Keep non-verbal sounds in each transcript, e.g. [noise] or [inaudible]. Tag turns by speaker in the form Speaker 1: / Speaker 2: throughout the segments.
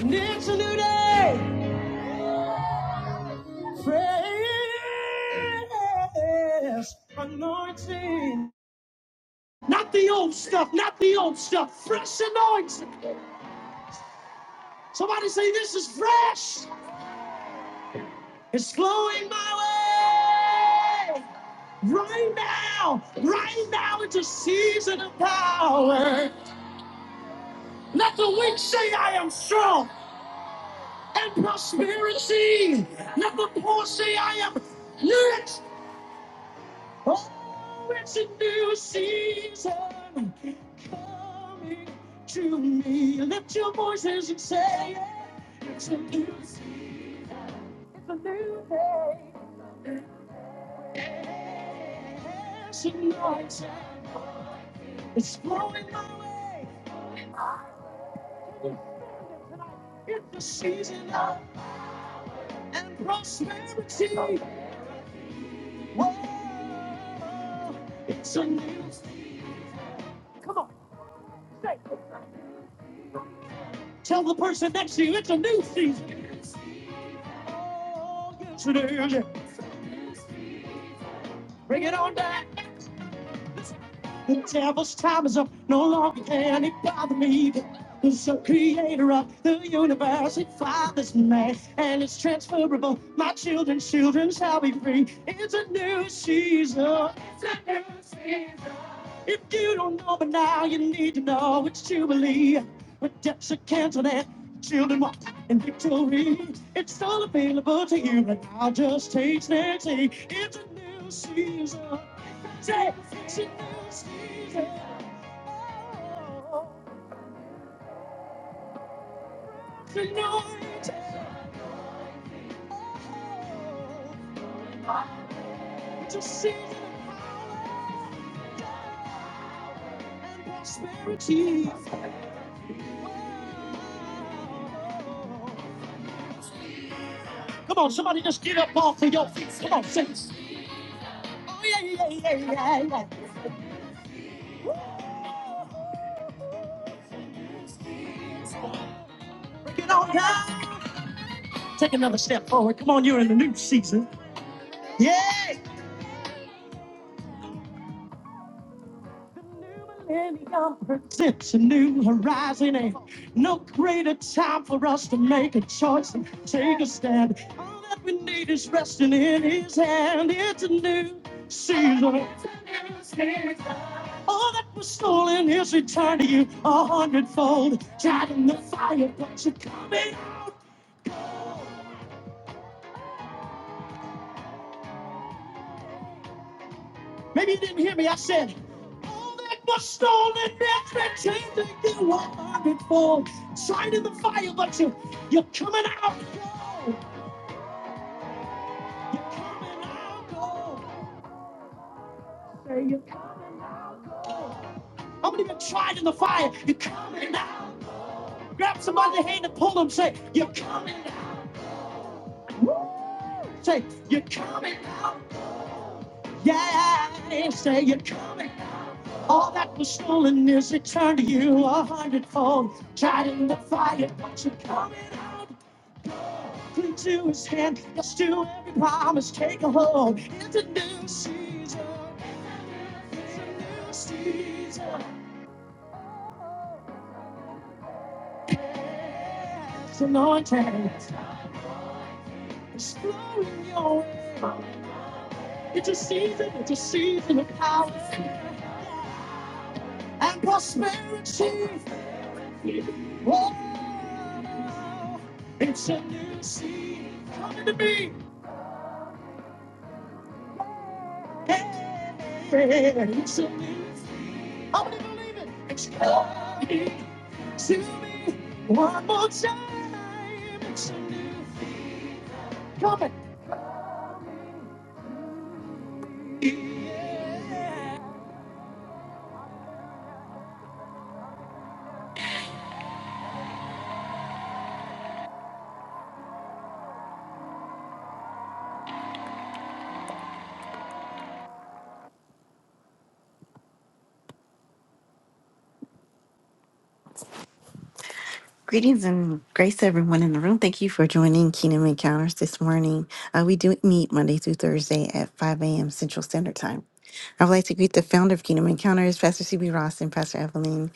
Speaker 1: It's a new day. Fresh anointing. Not the old stuff, not the old stuff. Fresh anointing. Somebody say this is fresh. It's flowing my way. Right now, right now, it's a season of power. Let the weak say I am strong and prosperity. Let the poor say I am rich Oh, it's a new season coming to me. Lift your voices and say It's a new season. It's a new day. It's a new time. It's flowing my way. It's the season of and prosperity. Oh, it's a new season. Come on, say Tell the person next to you it's a new season. Today, bring it on down. The devil's time is up. No longer can it bother me. The sole creator of the universe, it fathers man, and it's transferable. My children's children shall be free. It's a new season. If you don't know, but now you need to know it's Jubilee. Redemption canceled and children walk in victory. It's all available to you, and will just take Nancy. It's a new season. Say, she knows Jesus. She knows it's a season of prosperity. Come on, somebody just get up off of your feet. Come on, saints. Yeah, yeah, yeah, yeah. Get on down. Take another step forward. Come on, you're in a new season. Yeah. millennium presents a new horizon and no greater time for us to make a choice and take a stand. All that we need is resting in his hand. It's a new season. All that was stolen is returned to you a hundredfold. Tried in the fire, but you're coming. Maybe you didn't hear me. I said, all that was stolen is returned to you a hundredfold. Tried in the fire, but you, you're coming out. Say you're coming out cold. How many been tried in the fire? You're coming out. Grab somebody's hand and pull them. Say, you're coming out. Woo! Say, you're coming out. Yeah, say you're coming out. All that was stolen is returned to you a hundredfold. Tried in the fire, but you're coming out. Cling to his hand, yes to every promise. Take a hold. It's a new season. It's a new season. It's anointed. It's your way. It's a season, it's a season of power and prosperity. Whoa, it's a new season. Come to me. Hey, it's a new season. I'm going to believe it. It's coming to me one more time. It's a new season. Coming. Greetings and grace to everyone in the room. Thank you for joining Kingdom Encounters this morning. Uh, we do meet Monday through Thursday at 5 a.m. Central Standard Time. I would like to greet the founder of Kingdom Encounters, Pastor CB Ross and Pastor Evelyn.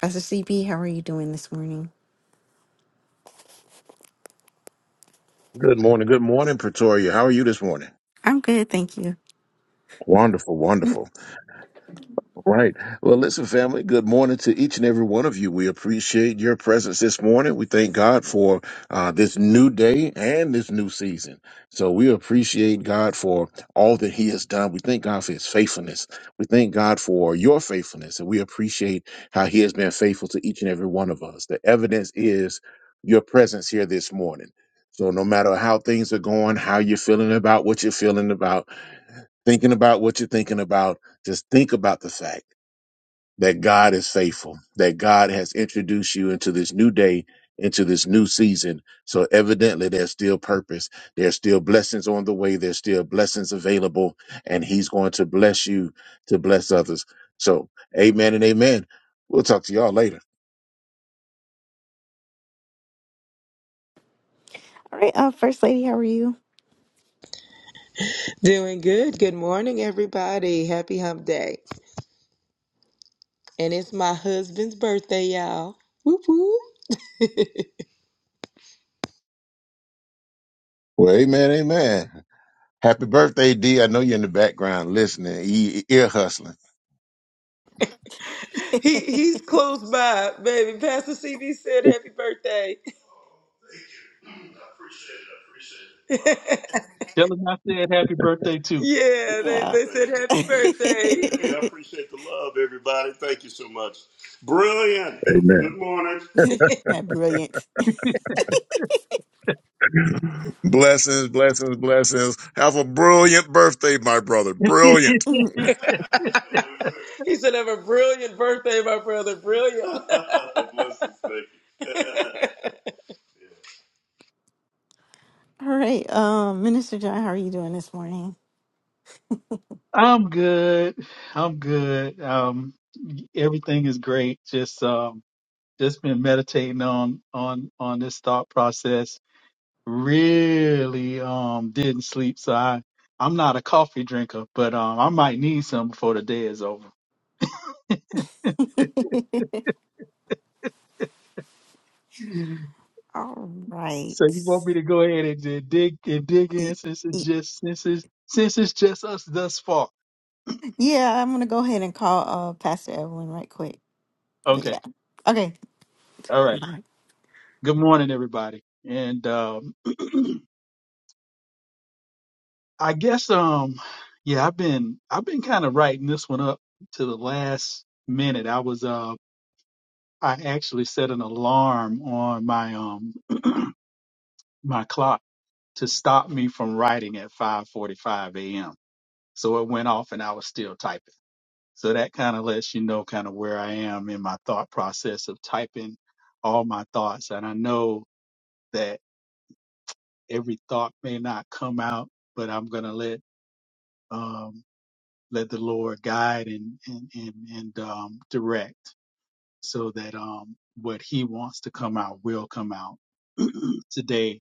Speaker 1: Pastor CB, how are you doing this morning?
Speaker 2: Good morning. Good morning, Pretoria. How are you this morning?
Speaker 1: I'm good, thank you.
Speaker 2: Wonderful,
Speaker 1: Mm,
Speaker 2: wonderful. Right. Well, listen, family, good morning to each and every one of you. We appreciate your presence this morning. We thank God for uh, this new day and this new season. So we appreciate God for all that He has done. We thank God for His faithfulness. We thank God for your faithfulness. And we appreciate how He has been faithful to each and every one of us. The evidence is your presence here this morning. So no matter how things are going, how you're feeling about what you're feeling about, thinking about what you're thinking about, just think about the fact that God is faithful, that God has introduced you into this new day, into this new season. So evidently there's still purpose. There's still blessings on the way. There's still blessings available and he's going to bless you to bless others. So amen and amen. We'll talk to y'all later.
Speaker 1: All right, uh, First Lady, how are you?
Speaker 3: Doing good. Good morning, everybody. Happy hump day. And it's my husband's birthday, y'all. Whoop whoop.
Speaker 2: Well, amen, amen. Happy birthday, D. I know you're in the background listening, e- ear hustling.
Speaker 1: [laughs]
Speaker 3: He he's close by, baby. Pastor CB said happy birthday.
Speaker 4: Tell him I said happy birthday too.
Speaker 3: Yeah, they,
Speaker 1: yeah.
Speaker 3: they said happy birthday.
Speaker 1: [laughs]
Speaker 2: Amen.
Speaker 1: Not brilliant. [laughs]
Speaker 2: [laughs] Blessings, blessings, blessings. Have a brilliant birthday, my brother.
Speaker 4: [laughs]
Speaker 2: Brilliant.
Speaker 1: All
Speaker 3: He said, have a brilliant birthday, my brother. Brilliant. [laughs]
Speaker 1: right, um, Minister John, how are you doing this morning?
Speaker 4: I'm good. I'm good. Um, everything is great. Just um, just been meditating on on on this thought process. Really um didn't sleep, so I I'm not a coffee drinker, but um I might need some before the day is over.
Speaker 1: [laughs]
Speaker 4: [laughs]
Speaker 1: All
Speaker 4: So you
Speaker 1: right.
Speaker 4: want me to go ahead and di- dig and dig
Speaker 1: Y-
Speaker 4: in since it's
Speaker 1: y-
Speaker 4: just since it's since it's just us thus far.
Speaker 1: Yeah, I'm gonna go ahead and call uh Pastor Evelyn right quick. But yeah.
Speaker 4: Okay.
Speaker 1: Okay,
Speaker 4: All right. Good morning, everybody. And um, [clears throat] I guess, um, yeah, I've been I've been kind of writing this one up to the last minute. I was uh, I actually set an alarm on my um my clock to stop me from writing at 5:45 a.m. So it went off, and I was still typing. So that kind of lets you know kind of where I am in my thought process of typing all my thoughts. And I know that every thought may not come out, but I'm gonna let um, let the Lord guide and and and, and um, direct so that um, what He wants to come out will come out [clears throat] today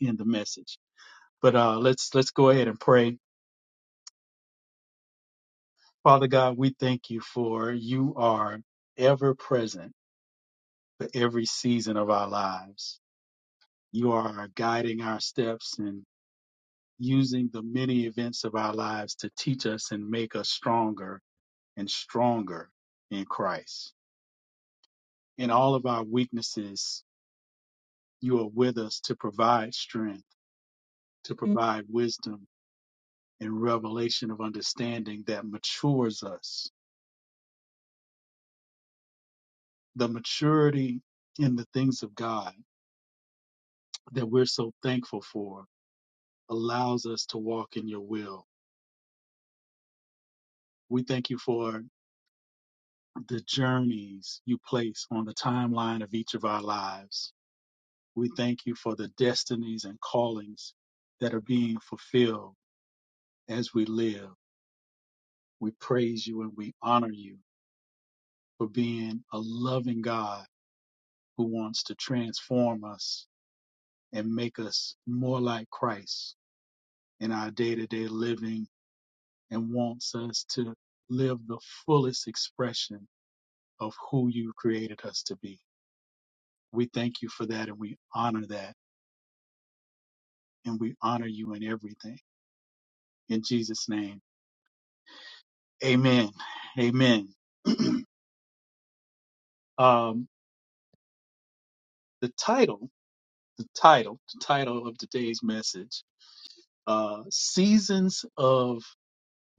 Speaker 4: in the message. But uh, let's let's go ahead and pray. Father God, we thank you for you are ever present for every season of our lives. You are guiding our steps and using the many events of our lives to teach us and make us stronger and stronger in Christ. in all of our weaknesses, you are with us to provide strength, to Mm. provide wisdom and revelation of understanding that matures us. The maturity in the things of God that we're so thankful for allows us to walk in your will. We thank you for the journeys you place on the timeline of each of our lives. We thank you for the destinies and callings that are being fulfilled as we live. We praise you and we honor you for being a loving God who wants to transform us and make us more like Christ in our day to day living and wants us to live the fullest expression of who you created us to be. We thank you for that and we honor that and we honor you in everything. In Jesus' name, amen. Amen. Um, the title, the title, the title of today's message, uh, Seasons of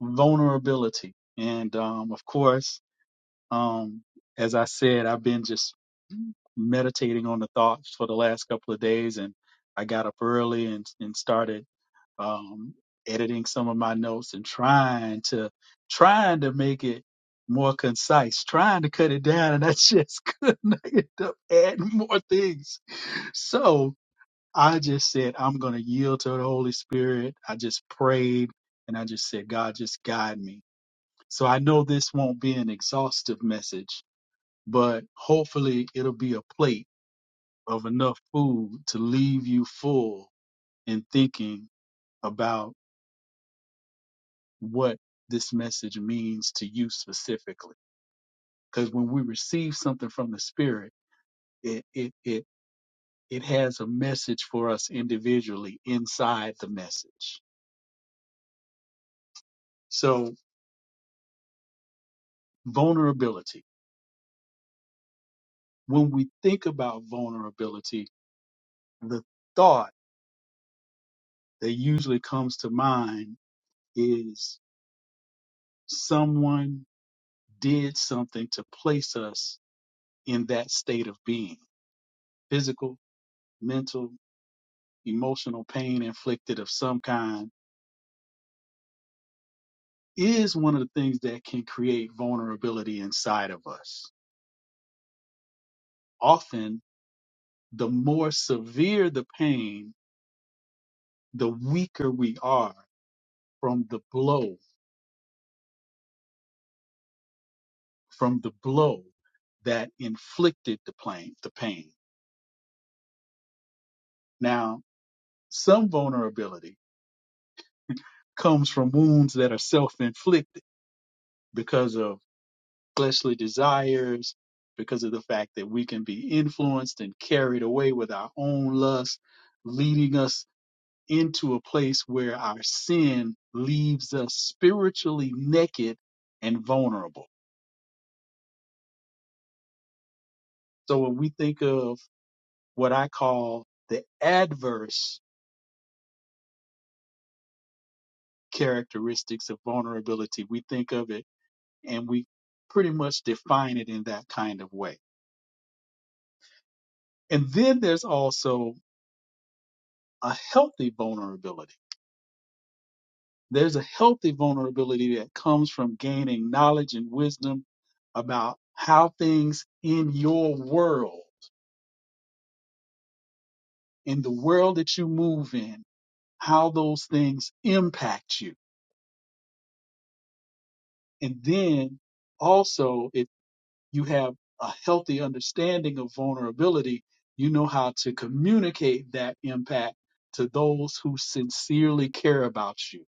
Speaker 4: vulnerability. And um, of course, um, as I said, I've been just meditating on the thoughts for the last couple of days, and I got up early and, and started um, editing some of my notes and trying to trying to make it more concise, trying to cut it down, and I just [laughs] couldn't I ended up adding more things. So I just said, I'm going to yield to the Holy Spirit. I just prayed and I just said, God, just guide me so I know this won't be an exhaustive message, but hopefully it'll be a plate of enough food to leave you full in thinking about what this message means to you specifically. Because when we receive something from the Spirit, it, it, it, it has a message for us individually inside the message. So vulnerability. When we think about vulnerability, the thought that usually comes to mind is someone did something to place us in that state of being. Physical, mental, emotional pain inflicted of some kind is one of the things that can create vulnerability inside of us. Often, the more severe the pain, the weaker we are from the blow, from the blow that inflicted the pain, the pain. Now, some vulnerability comes from wounds that are self-inflicted because of fleshly desires, because of the fact that we can be influenced and carried away with our own lust, leading us into a place where our sin leaves us spiritually naked and vulnerable. So when we think of what I call the adverse characteristics of vulnerability, we think of it and we pretty much define it in that kind of way. And then there's also a healthy vulnerability There's a healthy vulnerability that comes from gaining knowledge and wisdom about how things in your world, in the world that you move in, how those things impact you. And then also, if you have a healthy understanding of vulnerability, you know how to communicate that impact to those who sincerely care about you,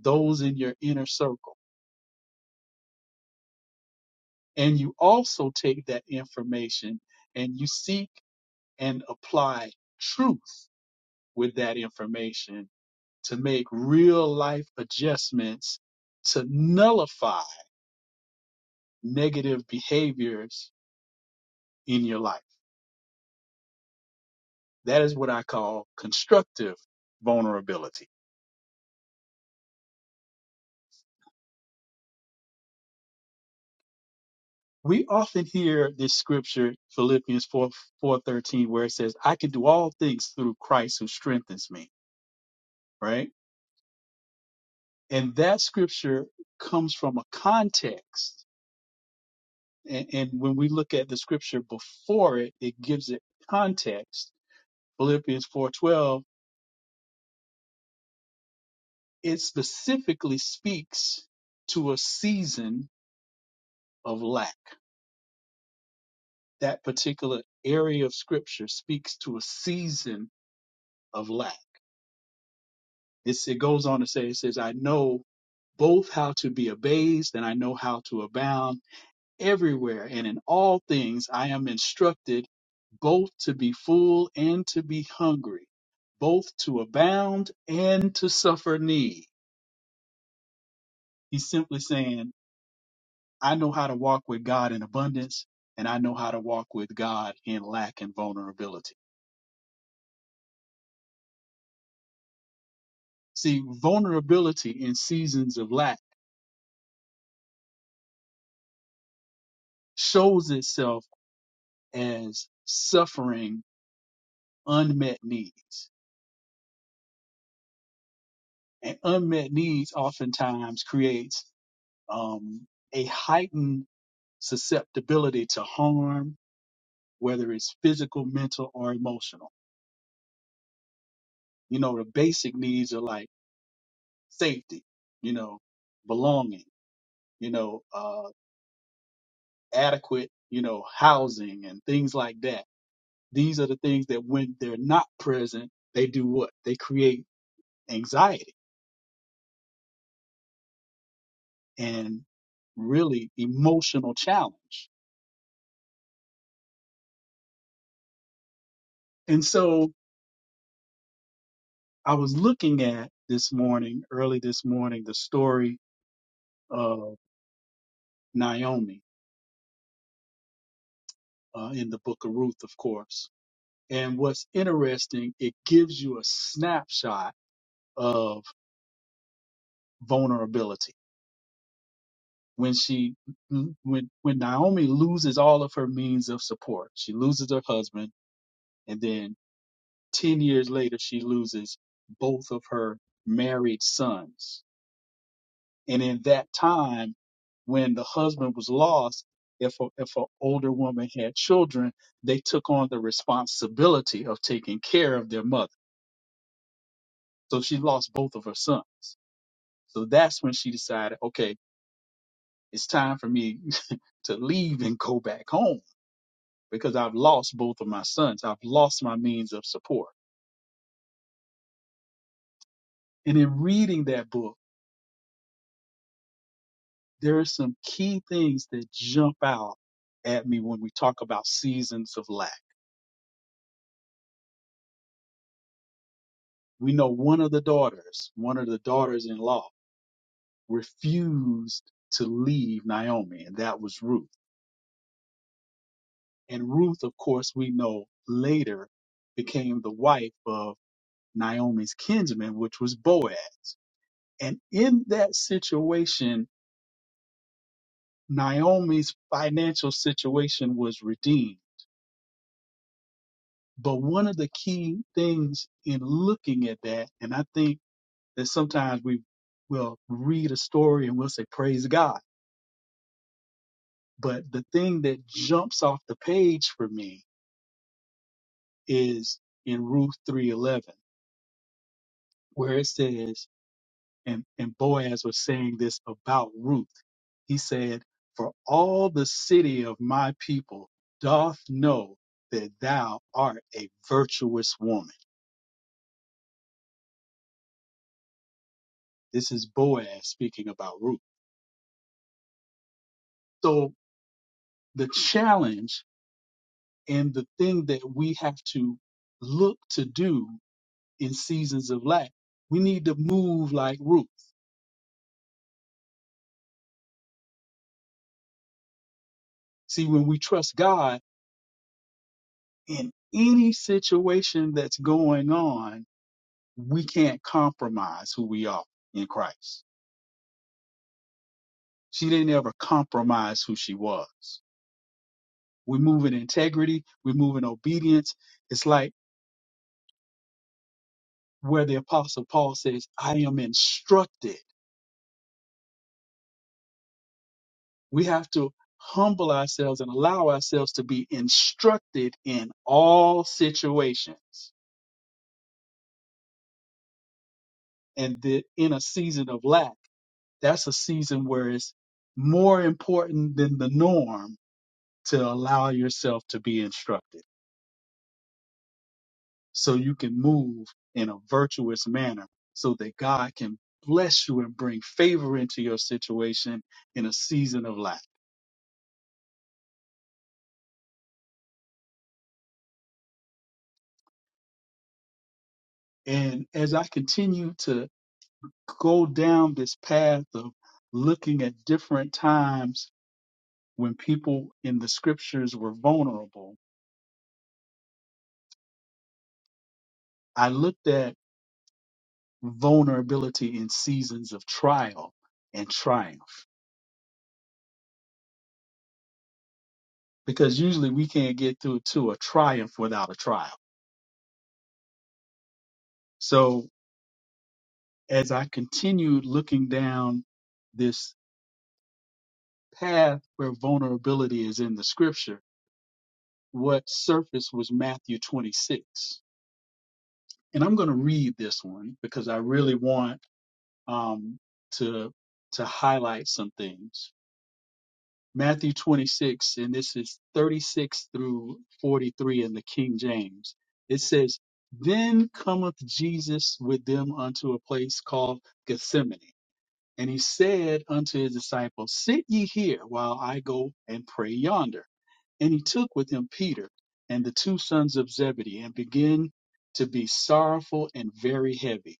Speaker 4: those in your inner circle. And you also take that information and you seek and apply truth with that information to make real life adjustments to nullify negative behaviors in your life. That is what I call constructive vulnerability. We often hear this scripture, Philippians 4, 4.13, where it says, I can do all things through Christ who strengthens me, right? And that scripture comes from a context and, and when we look at the scripture before it, it gives it context. Philippians 4:12, it specifically speaks to a season of lack. That particular area of scripture speaks to a season of lack. It's, it goes on to say, it says, I know both how to be abased and I know how to abound. everywhere and in all things I am instructed both to be full and to be hungry, both to abound and to suffer need. He's simply saying, I know how to walk with God in abundance and I know how to walk with God in lack and vulnerability. See, vulnerability in seasons of lack shows itself as suffering unmet needs. And unmet needs oftentimes creates um, a heightened susceptibility to harm, whether it's physical, mental, or emotional. You know, the basic needs are like safety, you know, belonging, you know, uh, adequate, you know, housing and things like that. These are the things that when they're not present, they do what? They create anxiety and really emotional challenge. And so I was looking at this morning, early this morning, the story Naomi uh, in the book of Ruth, of course. And what's interesting, it gives you a snapshot of vulnerability. When she, mm, when, when Naomi loses all of her means of support, she loses her husband. And then 10 years later, she loses both of her married sons. And in that time, when the husband was lost, if a, if an older woman had children, they took on the responsibility of taking care of their mother So she lost both of her sons. So that's when she decided, okay, it's time for me [laughs] to leave and go back home because I've lost both of my sons. I've lost my means of support. And in reading that book, there are some key things that jump out at me when we talk about seasons of lack. We know one of the daughters, one of the daughters in law, refused to leave Naomi, and that was Ruth. And Ruth, of course, we know later became the wife of Naomi's kinsman, which was Boaz. And in that situation, Naomi's financial situation was redeemed. But one of the key things in looking at that, and I think that sometimes we will read a story and we'll say, Praise God. But the thing that jumps off the page for me is in Ruth 3:11, where it says, and, and Boaz was saying this about Ruth. He said, For all the city of my people doth know that thou art a virtuous woman. This is Boaz speaking about Ruth. So the challenge and the thing that we have to look to do in seasons of lack, we need to move like Ruth. See, when we trust God in any situation that's going on, we can't compromise who we are in Christ. She didn't ever compromise who she was. We move in integrity, we move in obedience. It's like where the apostle Paul says, I am instructed. We have to humble ourselves and allow ourselves to be instructed in all situations. And the, in a season of lack, that's a season where it's more important than the norm to allow yourself to be instructed. so you can move in a virtuous manner so that God can bless you and bring favor into your situation in a season of lack. And as I continue to go down this path of looking at different times when people in the scriptures were vulnerable, I looked at vulnerability in seasons of trial and triumph because usually we can't get through to a triumph without a trial. So as I continued looking down this path where vulnerability is in the scripture, what surfaced was Matthew 26. And I'm going to read this one because I really want um, to, to highlight some things. Matthew 26, and this is 36 through 43 in the King James. It says, Then cometh Jesus with them unto a place called Gethsemane And he said unto his disciples, Sit ye here while I go and pray yonder. And he took with him Peter and the two sons of Zebedee, and began to be sorrowful and very heavy.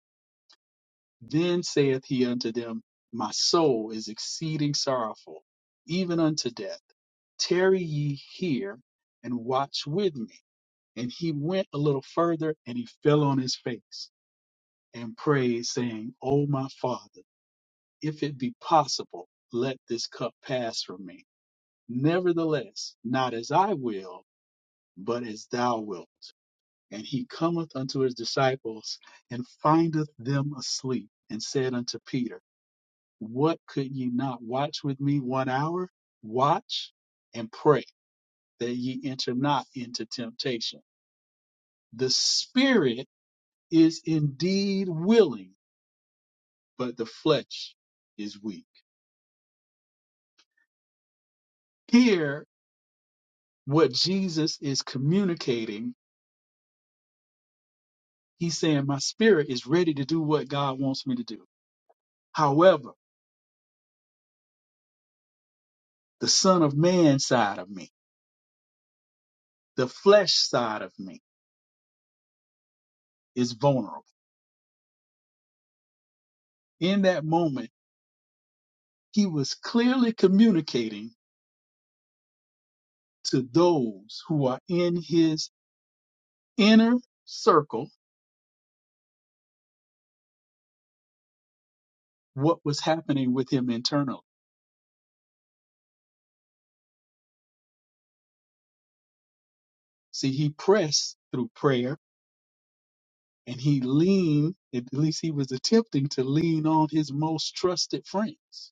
Speaker 4: Then saith he unto them, My soul is exceeding sorrowful, even unto death. Tarry ye here and watch with me. And he went a little further, and he fell on his face and prayed, saying, O my Father if it be possible, let this cup pass from me. Nevertheless, not as I will, but as thou wilt. And he cometh unto his disciples and findeth them asleep, and said unto Peter, What could ye not watch with me one hour? Watch and pray that ye enter not into temptation. The spirit is indeed willing, but the flesh is weak. Here what Jesus is communicating, he's saying, My spirit is ready to do what God wants me to do. However, the Son of Man side of me, the flesh side of me, is vulnerable. In that moment, he was clearly communicating to those who are in his inner circle what was happening with him internally. See, he pressed through prayer and he leaned, at least he was attempting to lean on his most trusted friends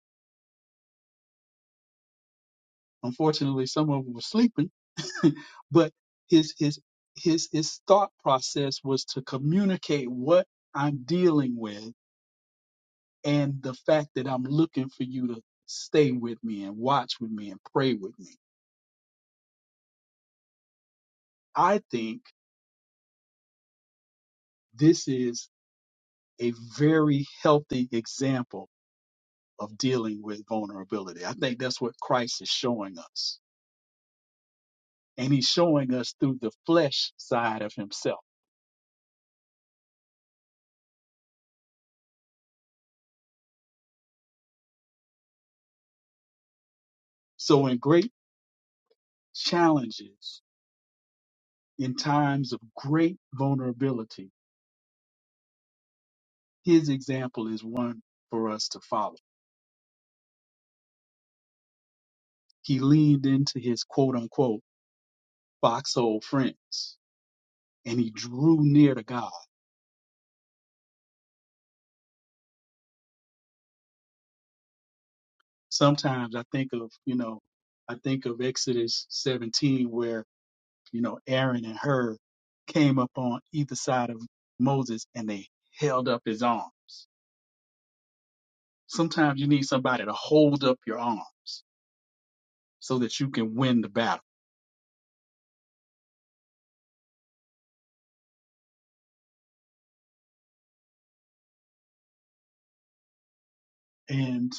Speaker 4: Unfortunately, some of them were sleeping, [laughs] but his his his his thought process was to communicate what I'm dealing with and the fact that I'm looking for you to stay with me and watch with me and pray with me. I think this is a very healthy example of dealing with vulnerability. I think that's what Christ is showing us. And he's showing us through the flesh side of himself. So in great challenges, in times of great vulnerability, his example is one for us to follow. He leaned into his quote unquote foxhole friends and he drew near to God. Sometimes I think of, you know, I think of Exodus 17 where, you know, Aaron and Hur came up on either side of Moses and they held up his arms. Sometimes you need somebody to hold up your arms so that you can win the battle. And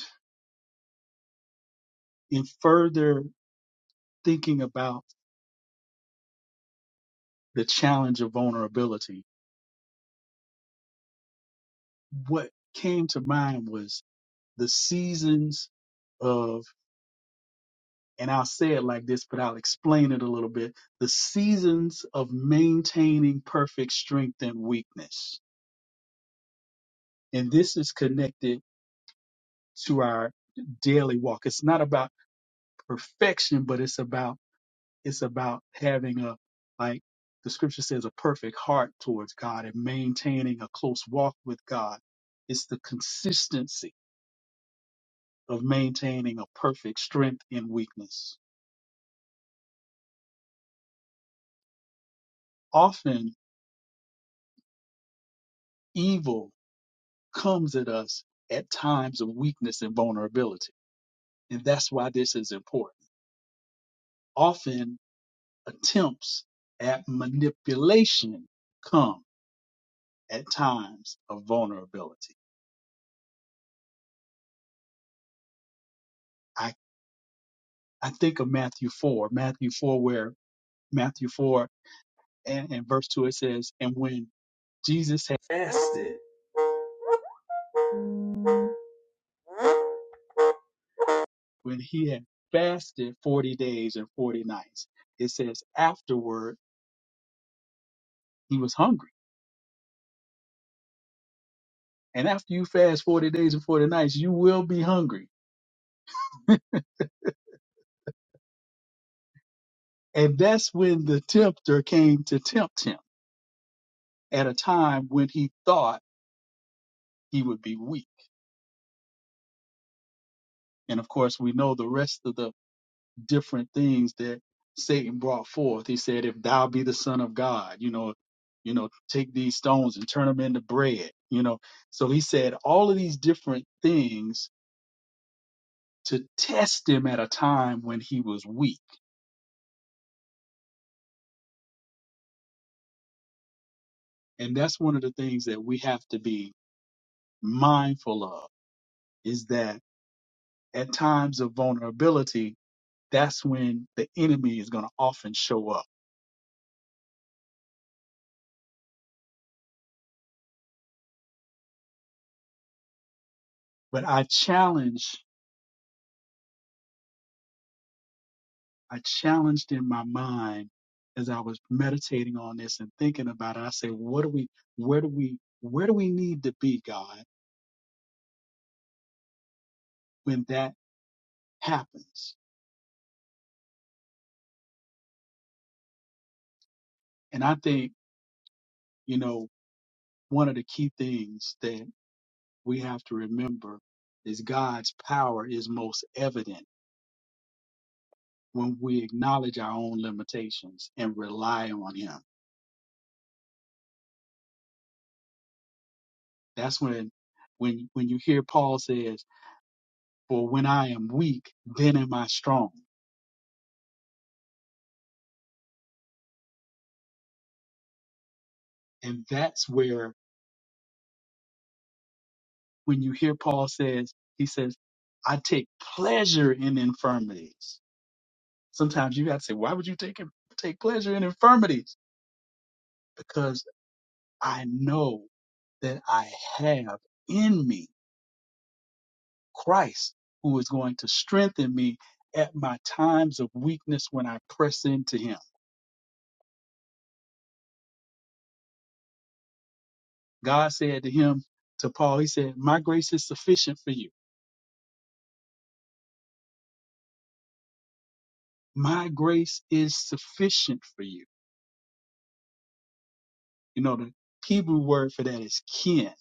Speaker 4: in further thinking about the challenge of vulnerability, what came to mind was the seasons of, and I'll say it like this, but I'll explain it a little bit the seasons of maintaining perfect strength and weakness. And this is connected to our daily walk. It's not about perfection, but it's about it's about having a like the scripture says a perfect heart towards god and maintaining a close walk with god it's the consistency of maintaining a perfect strength in weakness often evil comes at us at times of weakness and vulnerability and that's why this is important often attempts at manipulation come at times of vulnerability i i think of matthew 4 matthew 4 where Matthew 4 and, and verse 2, it says, And when Jesus had, Fasted. when he had fasted 40 days and 40 nights, it says, afterward, he was hungry. And after you fast 40 days and 40 nights, you will be hungry. And that's when the tempter came to tempt him at a time when he thought he would be weak. And of course, we know the rest of the different things that Satan brought forth. He said, "If thou be the Son of God, you know, you know, take these stones and turn them into bread." You know, so he said all of these different things to test him at a time when he was weak, and that's one of the things that we have to be mindful of is that at times of vulnerability, that's when the enemy is going to often show up. But I challenge I challenged in my mind as I was meditating on this and thinking about it. I said, what do we, where do we, where do we need to be, God, when that happens? And I think, you know, one of the key things that we have to remember is God's power is most evident when we acknowledge our own limitations and rely on Him. That's when, when, when you hear Paul says, for when I am weak, then am I strong. And that's where when you hear Paul says, he says, I take pleasure in infirmities. Sometimes you got to say, why would you take it- take pleasure in infirmities? Because I know that I have in me Christ who is going to strengthen me at my times of weakness when I press into him. God said to him, to Paul, he said, my grace is sufficient for you. My grace is sufficient for you. You know, the Hebrew word for that is kin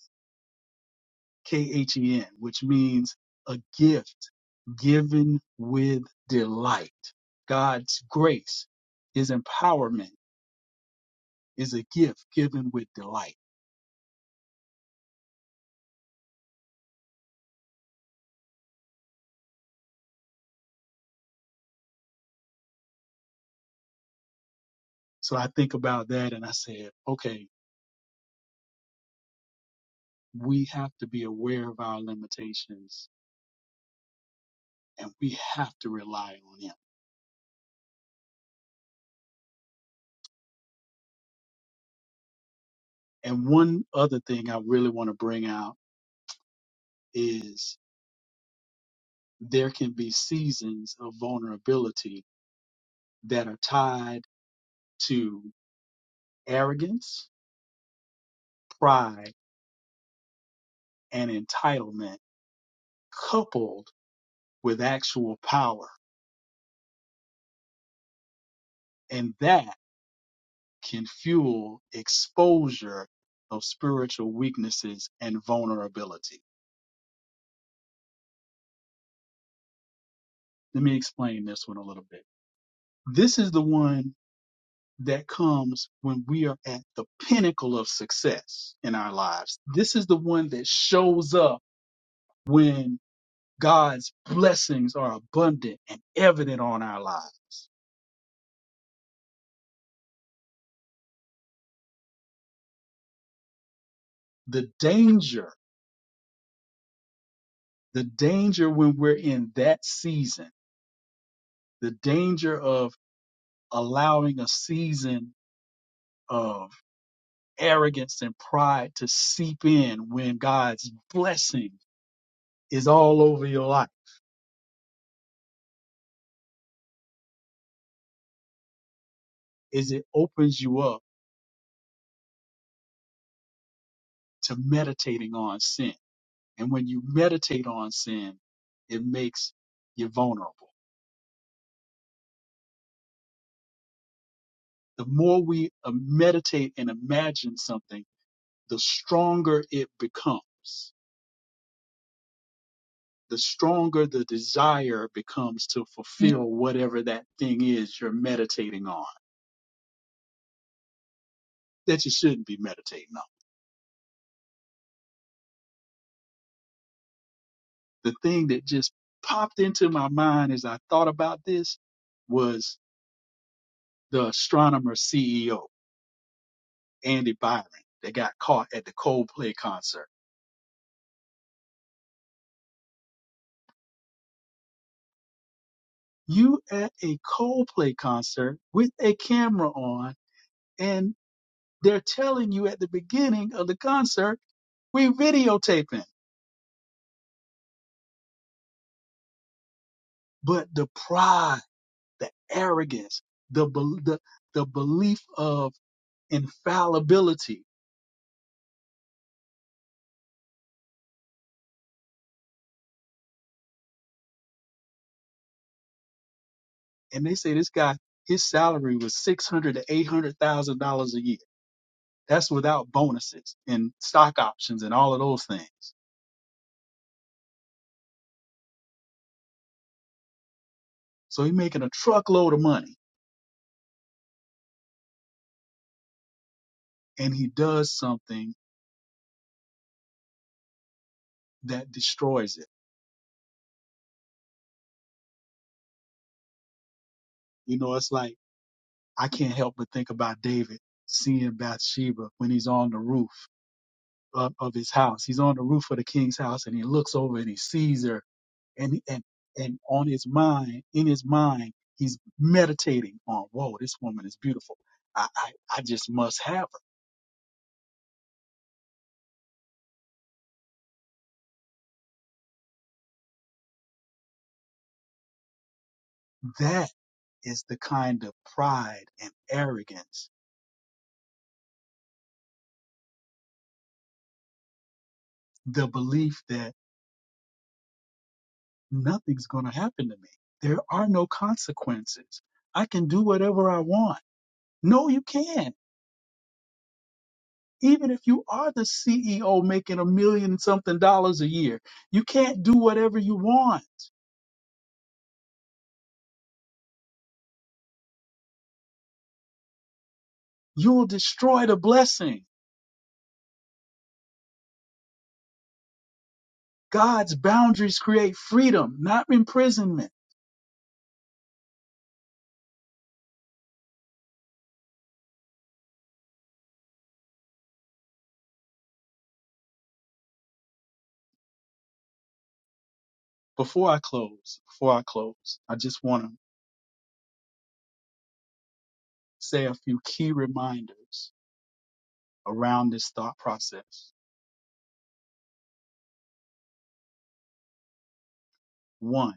Speaker 4: K-H-E-N, which means a gift given with delight. God's grace, his empowerment is a gift given with delight. So I think about that and I said, okay, we have to be aware of our limitations and we have to rely on him. And one other thing I really want to bring out is there can be seasons of vulnerability that are tied to arrogance, pride, and entitlement coupled with actual power. And that can fuel exposure of spiritual weaknesses and vulnerability. Let me explain this one a little bit. This is the one that comes when we are at the pinnacle of success in our lives. This is the one that shows up when God's blessings are abundant and evident on our lives. The danger, the danger when we're in that season the danger of allowing a season of arrogance and pride to seep in when God's blessing is all over your life is it opens you up to meditating on sin. And when you meditate on sin, it makes you vulnerable. The more we uh, meditate and imagine something, the stronger it becomes. The stronger the desire becomes to fulfill whatever that thing is you're meditating on that you shouldn't be meditating on. The thing that just popped into my mind as I thought about this was the astronomer CEO, Andy Byron, that got caught at the Coldplay concert. You at a Coldplay concert with a camera on, and they're telling you at the beginning of the concert, we're videotaping. But the pride, the arrogance, the, bel- the, the belief of infallibility and they say this guy his salary was six hundred to eight hundred thousand dollars a year. That's without bonuses and stock options and all of those things. So he's making a truckload of money and he does something that destroys it. You know, it's like I can't help but think about David seeing Bathsheba when he's on the roof of, of his house. He's on the roof of the king's house and he looks over and he sees her and and and on his mind, in his mind, he's meditating on, whoa, this woman is beautiful. I I, I just must have her. That is the kind of pride and arrogance, the belief that nothing's going to happen to me. There are no consequences. I can do whatever I want. No, you can't. Even if you are the CEO making a million something dollars a year, you can't do whatever you want. You'll destroy the blessing. God's boundaries create freedom, not imprisonment. Before I close, before I close, I just want to say a few key reminders around this thought process. One,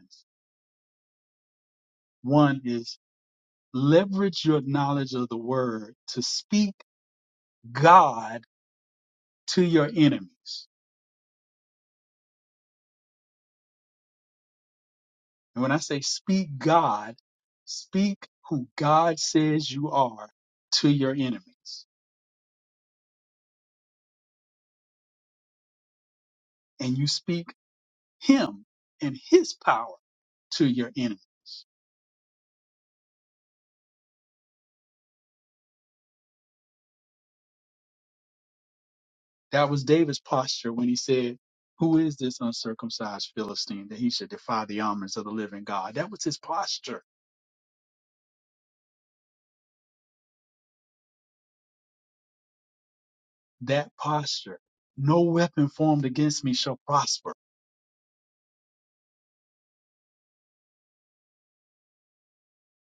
Speaker 4: one is leverage your knowledge of the word to speak God to your enemies. And when I say speak God, speak who God says you are to your enemies. And you speak him and his power to your enemies. That was David's posture when he said, Who is this uncircumcised Philistine that he should defy the armies of the living God? That was his posture. That posture. No weapon formed against me shall prosper.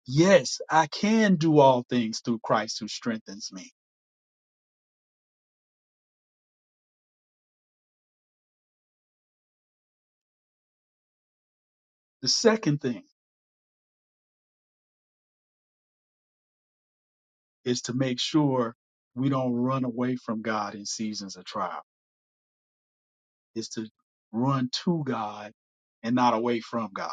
Speaker 4: Yes, I can do all things through Christ who strengthens me. The second thing is to make sure we don't run away from God in seasons of trial, is to run to God and not away from God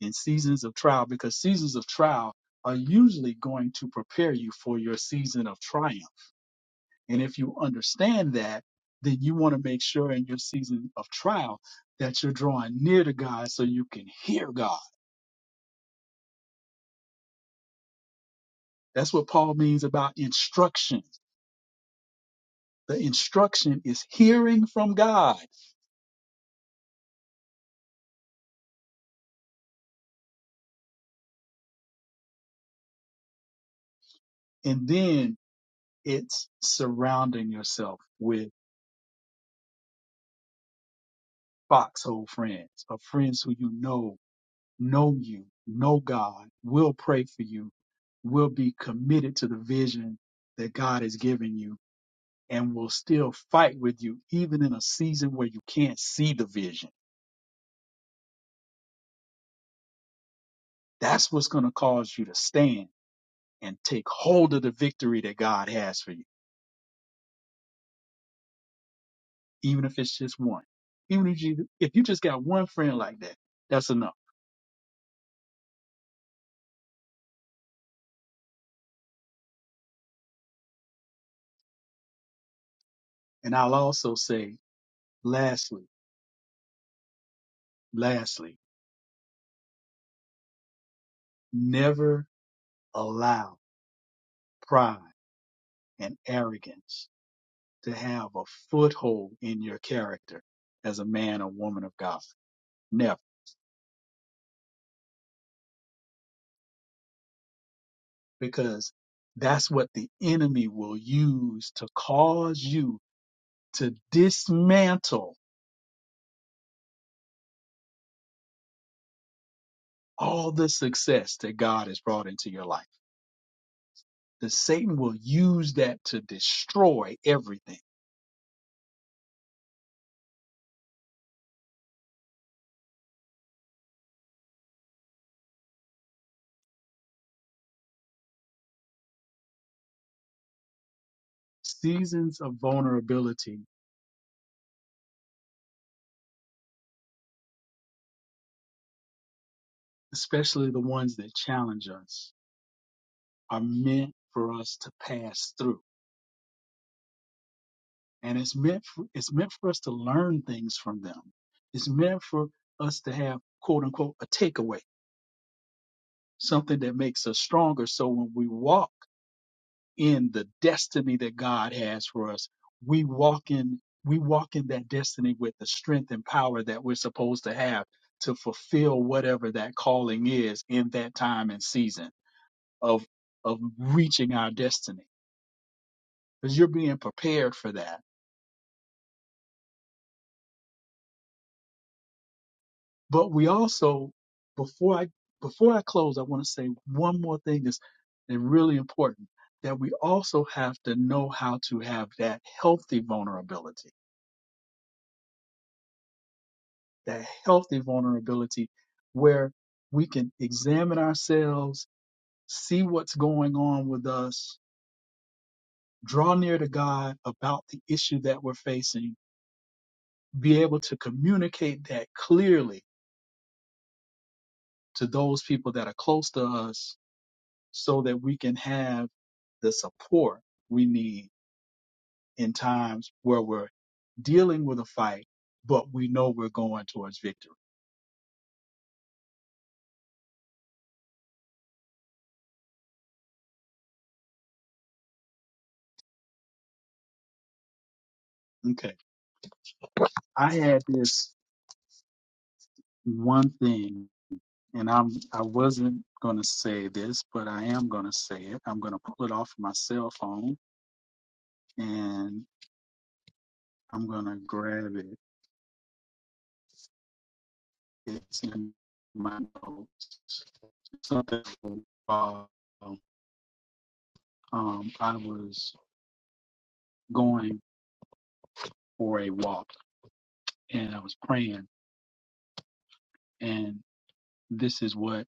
Speaker 4: in seasons of trial because seasons of trial are usually going to prepare you for your season of triumph. And if you understand that, then you want to make sure in your season of trial that you're drawing near to God so you can hear God. That's what Paul means about instruction. The instruction is hearing from God, and then it's surrounding yourself with foxhole friends or friends who you know know you, know God, will pray for you, will be committed to the vision that God has given you, and will still fight with you, even in a season where you can't see the vision. That's what's going to cause you to stand and take hold of the victory that God has for you, even if it's just one. Even if you, if you just got one friend like that, that's enough. And I'll also say, lastly, lastly, never allow pride and arrogance to have a foothold in your character as a man or woman of God. Never. Because that's what the enemy will use to cause you to dismantle all the success that God has brought into your life. The Satan will use that to destroy everything. Seasons of vulnerability, especially the ones that challenge us, are meant for us to pass through and it's meant for, it's meant for us to learn things from them. It's meant for us to have quote unquote a takeaway, something that makes us stronger. So when we walk in the destiny that God has for us, we walk in we walk in that destiny with the strength and power that we're supposed to have to fulfill whatever that calling is in that time and season of of reaching our destiny because you're being prepared for that But we also, before I before I close, I want to say one more thing that's and really important that we also have to know how to have that healthy vulnerability, that healthy vulnerability where we can examine ourselves, see what's going on with us, draw near to God about the issue that we're facing, be able to communicate that clearly to those people that are close to us so that we can have the support we need in times where we're dealing with a fight, but we know we're going towards victory. Okay. I had this one thing and I'm I wasn't gonna say this, but I am gonna say it. I'm gonna pull it off my cell phone and I'm gonna grab it. It's in my notes. Something uh, um I was going for a walk and I was praying, and this is what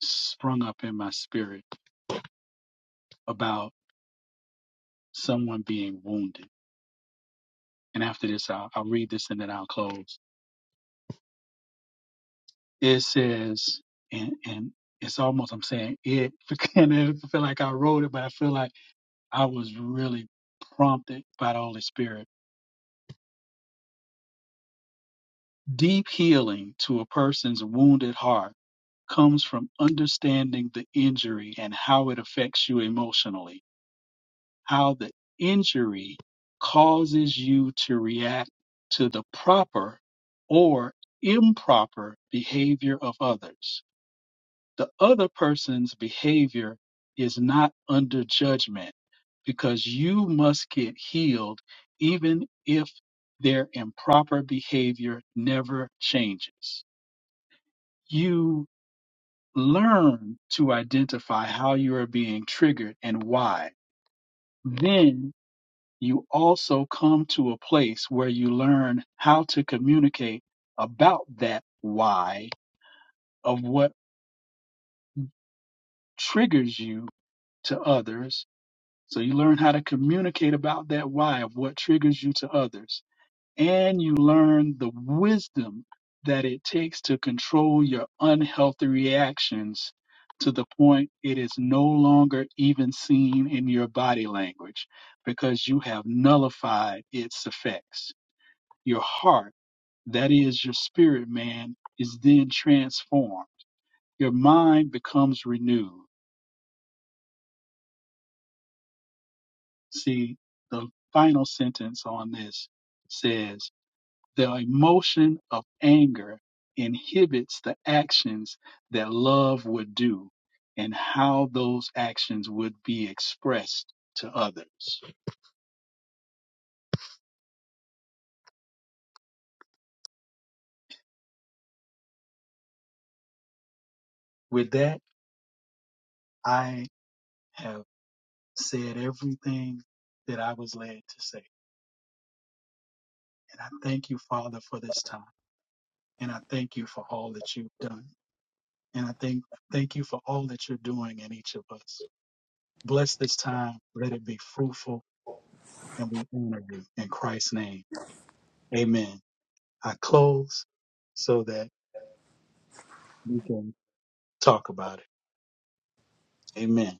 Speaker 4: sprung up in my spirit about someone being wounded. And after this, I'll, I'll read this and then I'll close. It says, and and it's almost I'm saying it, [laughs] and I feel like I wrote it, but I feel like I was really prompted by the Holy Spirit. Deep healing to a person's wounded heart comes from understanding the injury and how it affects you emotionally how the injury causes you to react to the proper or improper behavior of others. The other person's behavior is not under judgment because you must get healed even if their improper behavior never changes. You learn to identify how you are being triggered and why. Then you also come to a place where you learn how to communicate about that why of what triggers you to others. So you learn how to communicate about that why of what triggers you to others. And you learn the wisdom that it takes to control your unhealthy reactions to the point it is no longer even seen in your body language because you have nullified its effects. Your heart that is your spirit man is then transformed your mind becomes renewed see the final sentence on this says the emotion of anger inhibits the actions that love would do and how those actions would be expressed to others with that i have said everything that i was led to say and i thank you father for this time And I thank you for all that you've done. And I thank thank you for all that you're doing in each of us. Bless this time. Let it be fruitful and we honor you in Christ's name. Amen. I close so that we can talk about it. Amen.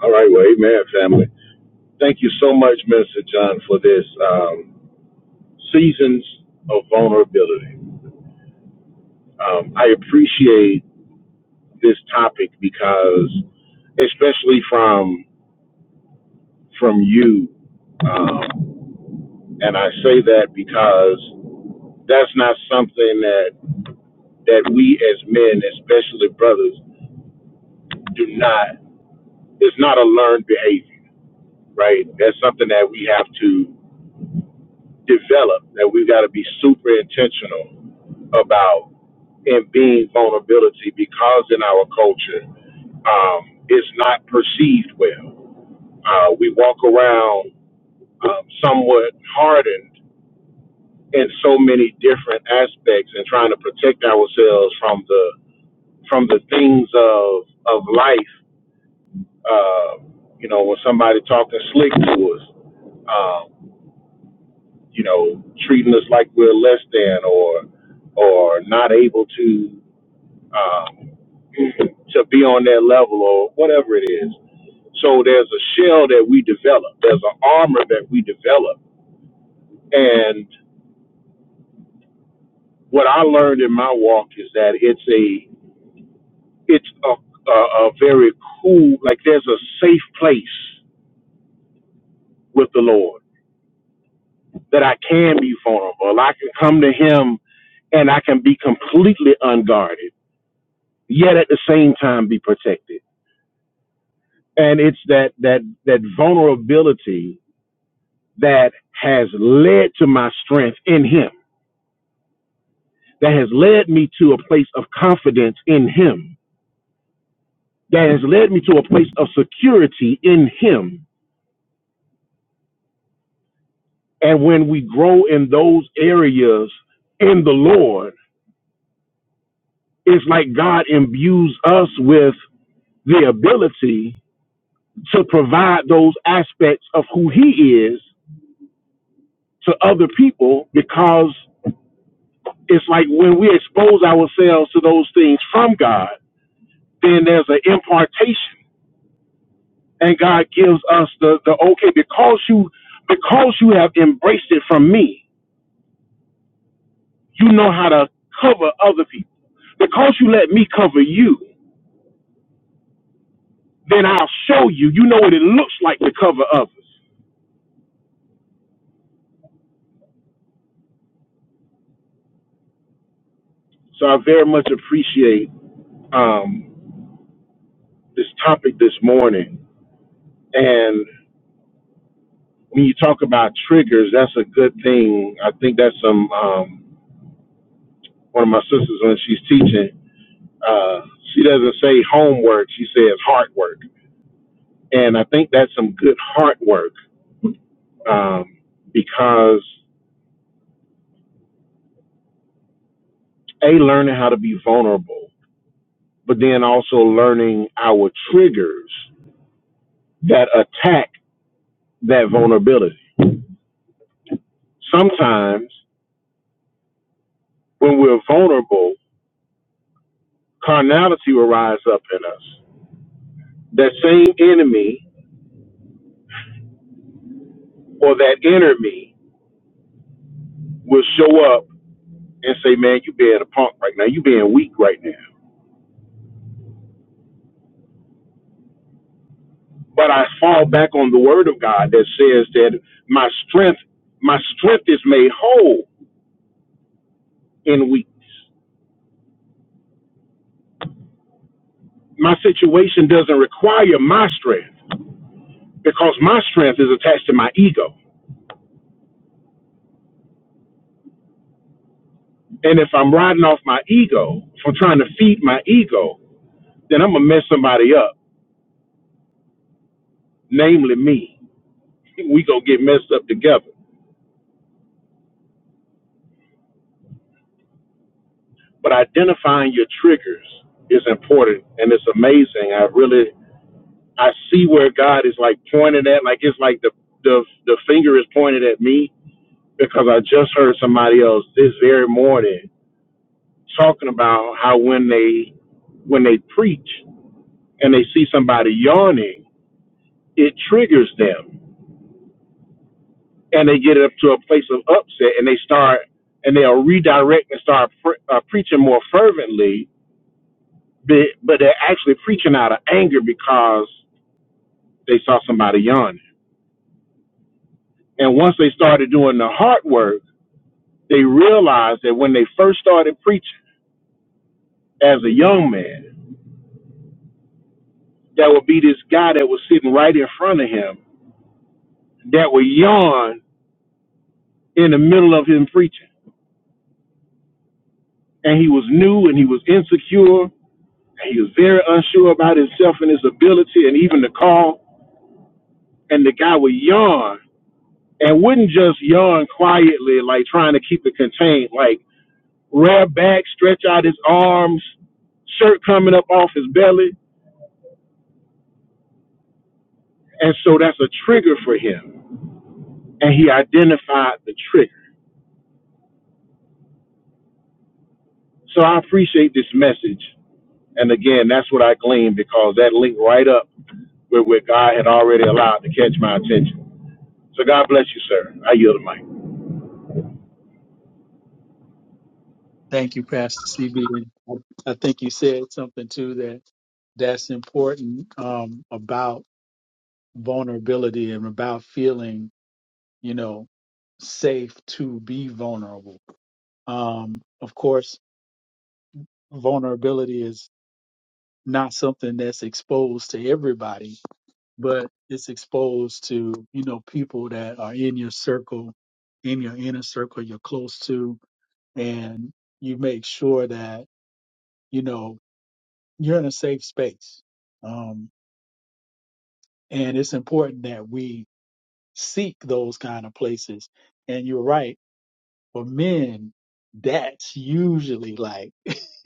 Speaker 2: All right, well, amen, family. Thank you so much, Minister John, for this um, Seasons of Vulnerability. Um, I appreciate this topic because, especially from from you, um, and I say that because that's not something that that we as men, especially brothers, do not. It's not a learned behavior, right? That's something that we have to develop. That we've got to be super intentional about and being vulnerability because in our culture um, it's not perceived well. Uh, we walk around um, somewhat hardened in so many different aspects and trying to protect ourselves from the from the things of of life. Uh, you know, when somebody talking slick to us, um, you know, treating us like we're less than or or not able to um, to be on their level or whatever it is. So there's a shell that we develop. There's an armor that we develop. And what I learned in my walk is that it's a it's a, a, a very cool like there's a safe place with the Lord that I can be vulnerable. I can come to Him and I can be completely unguarded, yet at the same time be protected. And it's that that that vulnerability that has led to my strength in him, that has led me to a place of confidence in him, that has led me to a place of security in him. And when we grow in those areas in the Lord, it's like God imbues us with the ability to provide those aspects of who he is to other people because it's like when we expose ourselves to those things from God, then there's an impartation and God gives us the the okay because you because you have embraced it from me. You know how to cover other people because you let me cover you. Then I'll show you. You know what it looks like to cover others. So I very much appreciate um, this topic this morning. And when you talk about triggers, that's a good thing. I think that's some um, one of my sisters when she's teaching. Uh, she doesn't say homework; she says heart work And I think that's some good hard work um, because a learning how to be vulnerable, but then also learning our triggers that attack that vulnerability. Sometimes when we're vulnerable, carnality will rise up in us. That same enemy or that inner me will show up and say, "Man, you being a punk right now. You being weak right now." but I fall back on the word of God that says that my strength, my strength is made whole in weakness. My situation doesn't require my strength because my strength is attached to my ego. And if I'm riding off my ego, if I'm trying to feed my ego, then I'm gonna mess somebody up, namely me. [laughs] We gonna get messed up together. But identifying your triggers is important and it's amazing. I really I see where God is like pointing at, like it's like the the the finger is pointed at me because I just heard somebody else this very morning talking about how when they when they preach and they see somebody yawning, it triggers them and they get up to a place of upset and they start and they'll redirect and start pre- uh, preaching more fervently, but, but they're actually preaching out of anger because they saw somebody yawning. And once they started doing the hard work they realized that when they first started preaching as a young man, that would be this guy that was sitting right in front of him that would yawn in the middle of him preaching. And he was new and he was insecure and he was very unsure about himself and his ability and even the call. And the guy would yawn and wouldn't just yawn quietly, like trying to keep it contained, like rear back, stretch out his arms, shirt coming up off his belly. And so that's a trigger for him and he identified the trigger. So I appreciate this message. And again, that's what I gleaned because that linked right up with what God had already allowed to catch my attention. So God bless you, sir. I yield the mic.
Speaker 4: Thank you, Pastor CB. I think you said something too that that's important um, about vulnerability and about feeling, you know, safe to be vulnerable. Um, of course, vulnerability is not something that's exposed to everybody, but it's exposed to, you know, people that are in your circle, in your inner circle, you're close to, and you make sure that, you know, you're in a safe space. Um, and it's important that we seek those kind of places. And you're right For men, that's usually like [laughs]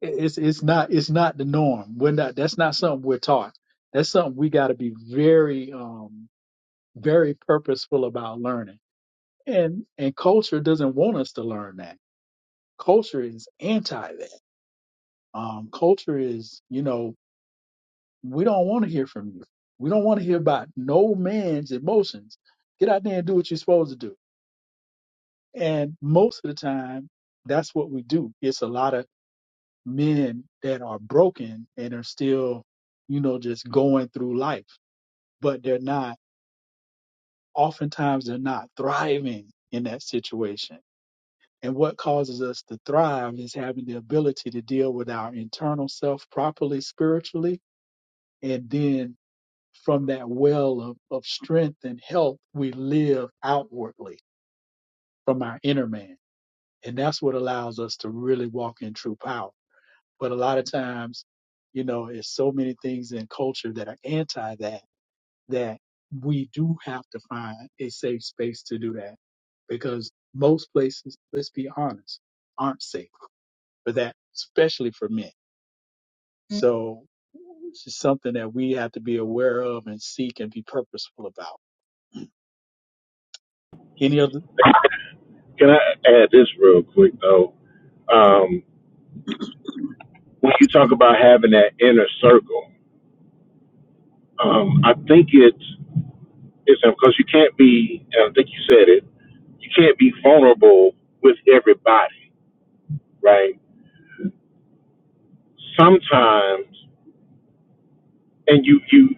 Speaker 4: it's it's not it's not the norm. We're not that's not something we're taught. That's something we got to be very um very purposeful about learning. And and culture doesn't want us to learn that. Culture is anti that. Um, culture is you know we don't want to hear from you. We don't want to hear about no man's emotions. Get out there and do what you're supposed to do. And most of the time, that's what we do. It's a lot of men that are broken and are still, you know, just going through life, but they're not, oftentimes, they're not thriving in that situation. And what causes us to thrive is having the ability to deal with our internal self properly spiritually. And then from that well of, of strength and health, we live outwardly from our inner man. And that's what allows us to really walk in true power But a lot of times, you know, it's so many things in culture that are anti that, that we do have to find a safe space to do that because most places, let's be honest, aren't safe for that, especially for men. So it's just something that we have to be aware of and seek and be purposeful about. Any other?
Speaker 2: Can I add this real quick though? Um, when you talk about having that inner circle, um, I think it's it's because you can't be. And I think you said it. You can't be vulnerable with everybody, right? Sometimes, and you you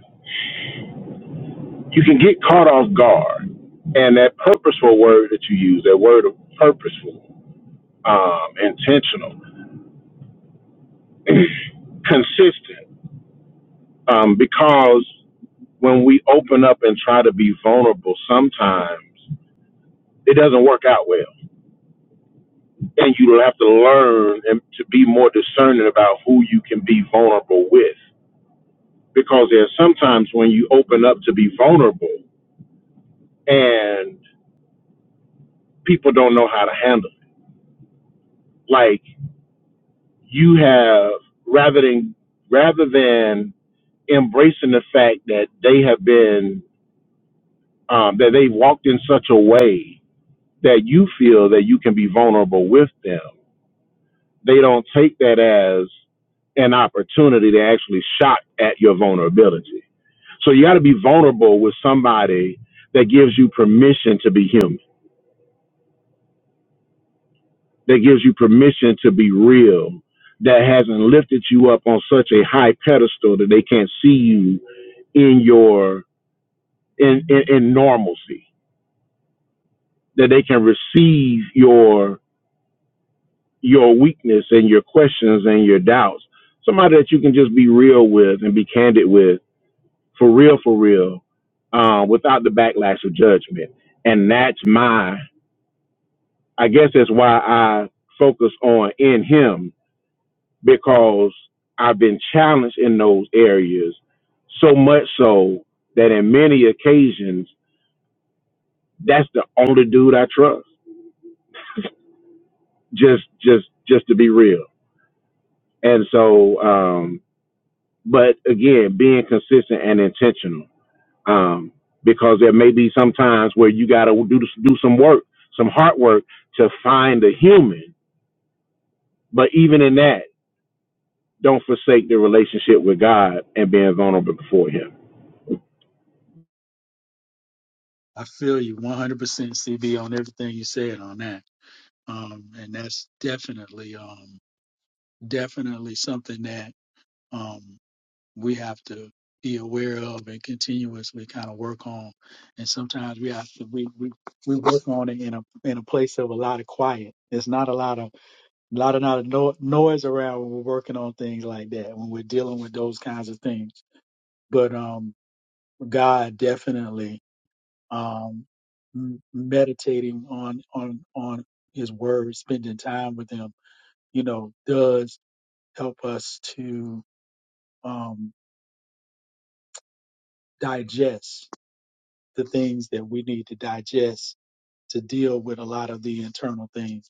Speaker 2: you can get caught off guard. And that purposeful word that you use, that word of purposeful, um, intentional, [clears throat] consistent, um, because when we open up and try to be vulnerable, sometimes it doesn't work out well. And you have to learn and to be more discerning about who you can be vulnerable with. Because there's sometimes when you open up to be vulnerable and people don't know how to handle it. Like you have rather than rather than embracing the fact that they have been um, that they have walked in such a way that you feel that you can be vulnerable with them. They don't take that as an opportunity to actually shot at your vulnerability. So you got to be vulnerable with somebody that gives you permission to be human, that gives you permission to be real, that hasn't lifted you up on such a high pedestal that they can't see you in your in, in in normalcy that they can receive your your weakness and your questions and your doubts somebody that you can just be real with and be candid with for real for real uh, without the backlash of judgment and that's my i guess that's why i focus on in him because i've been challenged in those areas so much so that in many occasions that's the only dude i trust just just just to be real and so um but again being consistent and intentional um because there may be some times where you got to do do some work some hard work to find a human but even in that don't forsake the relationship with God and being vulnerable before him
Speaker 4: I feel you 100% CB on everything you said on that. Um, and that's definitely, um, definitely something that, um, we have to be aware of and continuously kind of work on. And sometimes we have to we we, we work on it in a in a place of a lot of quiet. There's not a lot of a lot of not of no, noise around when we're working on things like that when we're dealing with those kinds of things. But um, God definitely um, m- meditating on on on His Word, spending time with Him, you know, does help us to um, digest the things that we need to digest to deal with a lot of the internal things.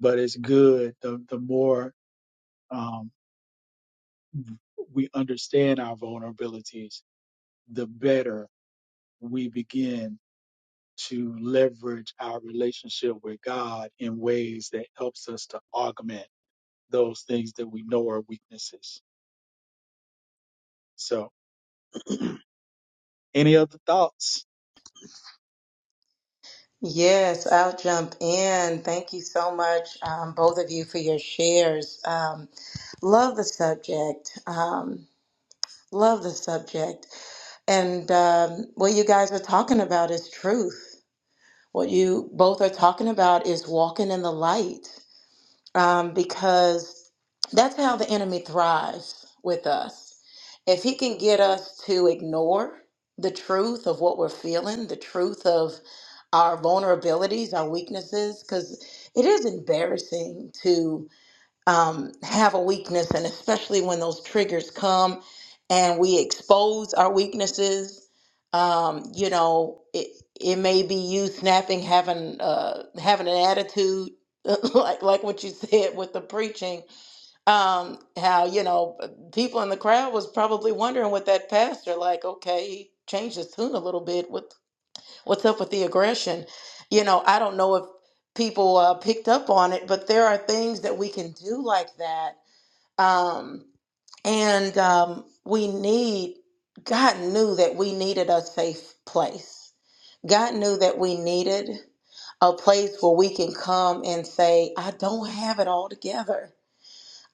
Speaker 4: But it's good the the more um, we understand our vulnerabilities, the better we begin to leverage our relationship with God in ways that helps us to augment those things that we know are weaknesses. So, any other thoughts?
Speaker 3: you. Yes, I'll jump in. Thank you so much, um, both of you, for your shares. Um, love the subject. Um, Love the subject. And um, what you guys are talking about is truth. What you both are talking about is walking in the light um, because that's how the enemy thrives with us. If he can get us to ignore the truth of what we're feeling, the truth of our vulnerabilities, our weaknesses, because it is embarrassing to um, have a weakness, and especially when those triggers come and we expose our weaknesses, um, you know, it it may be you snapping, having uh, having an attitude. [laughs] like like what you said with the preaching, um, how you know people in the crowd was probably wondering with that pastor, like, okay, he changed his tune a little bit what's up with the aggression you know i don't know if people uh, picked up on it but there are things that we can do like that um, and um, we need god knew that we needed a safe place god knew that we needed a place where we can come and say i don't have it all together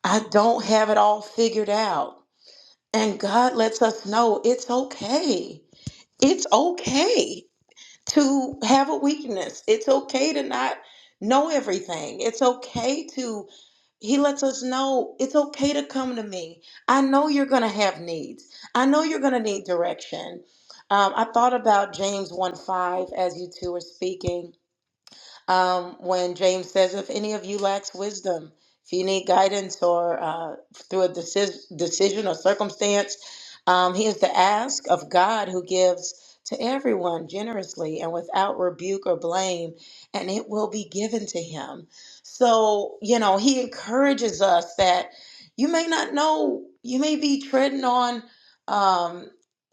Speaker 3: i don't have it all figured out and god lets us know it's okay it's okay to have a weakness. It's okay to not know everything. It's okay to, he lets us know it's okay to come to me. I know you're going to have needs. I know you're going to need direction. Um, I thought about James 1 5 as you two were speaking um, when James says, if any of you lacks wisdom, if you need guidance or uh, through a decis- decision or circumstance, um, he is to ask of God who gives to everyone generously and without rebuke or blame, and it will be given to him. So, you know, he encourages us that you may not know, you may be treading on. Um,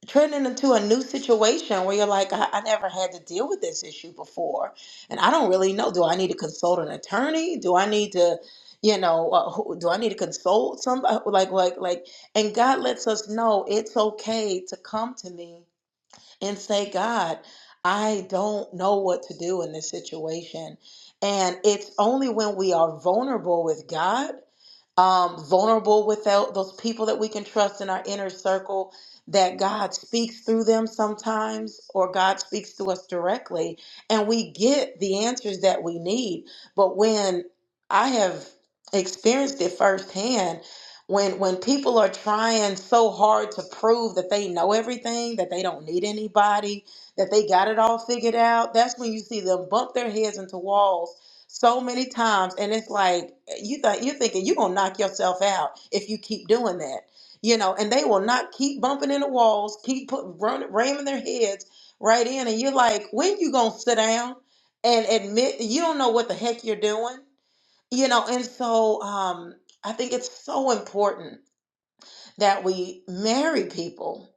Speaker 3: treading into a new situation where you're like, I, I never had to deal with this issue before and I don't really know. Do I need to consult an attorney? Do I need to, you know, uh, who, do I need to consult somebody? Like, like, like, and God lets us know it's okay to come to me and say, God, I don't know what to do in this situation. And it's only when we are vulnerable with God um, vulnerable with tho- those people that we can trust in our inner circle, that God speaks through them sometimes, or God speaks to us directly, and we get the answers that we need. But when I have experienced it firsthand, when when people are trying so hard to prove that they know everything, that they don't need anybody, that they got it all figured out, that's when you see them bump their heads into walls so many times and it's like you thought you're thinking you're gonna knock yourself out if you keep doing that you know and they will not keep bumping into walls keep put, run, ramming their heads right in and you're like when you gonna sit down and admit you don't know what the heck you're doing you know and so um i think it's so important that we marry people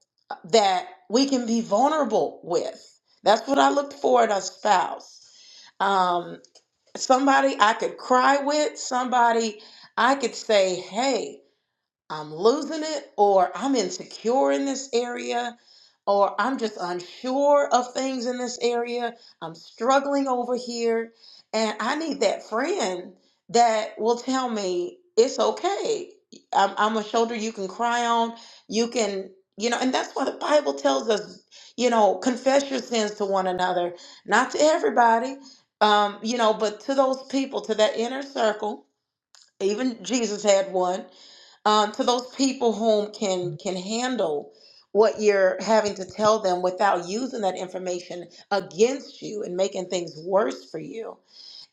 Speaker 3: that we can be vulnerable with that's what i looked for in a spouse Um, somebody I could cry with, somebody I could say, hey, I'm losing it, or I'm insecure in this area, or I'm just unsure of things in this area. I'm struggling over here. And I need that friend that will tell me it's okay. I'm, I'm a shoulder you can cry on. You can, you know, and that's why the Bible tells us, you know, confess your sins to one another, not to everybody, um, you know, but to those people, to that inner circle even Jesus had one. um, to those people whom can can handle what you're having to tell them without using that information against you and making things worse for you.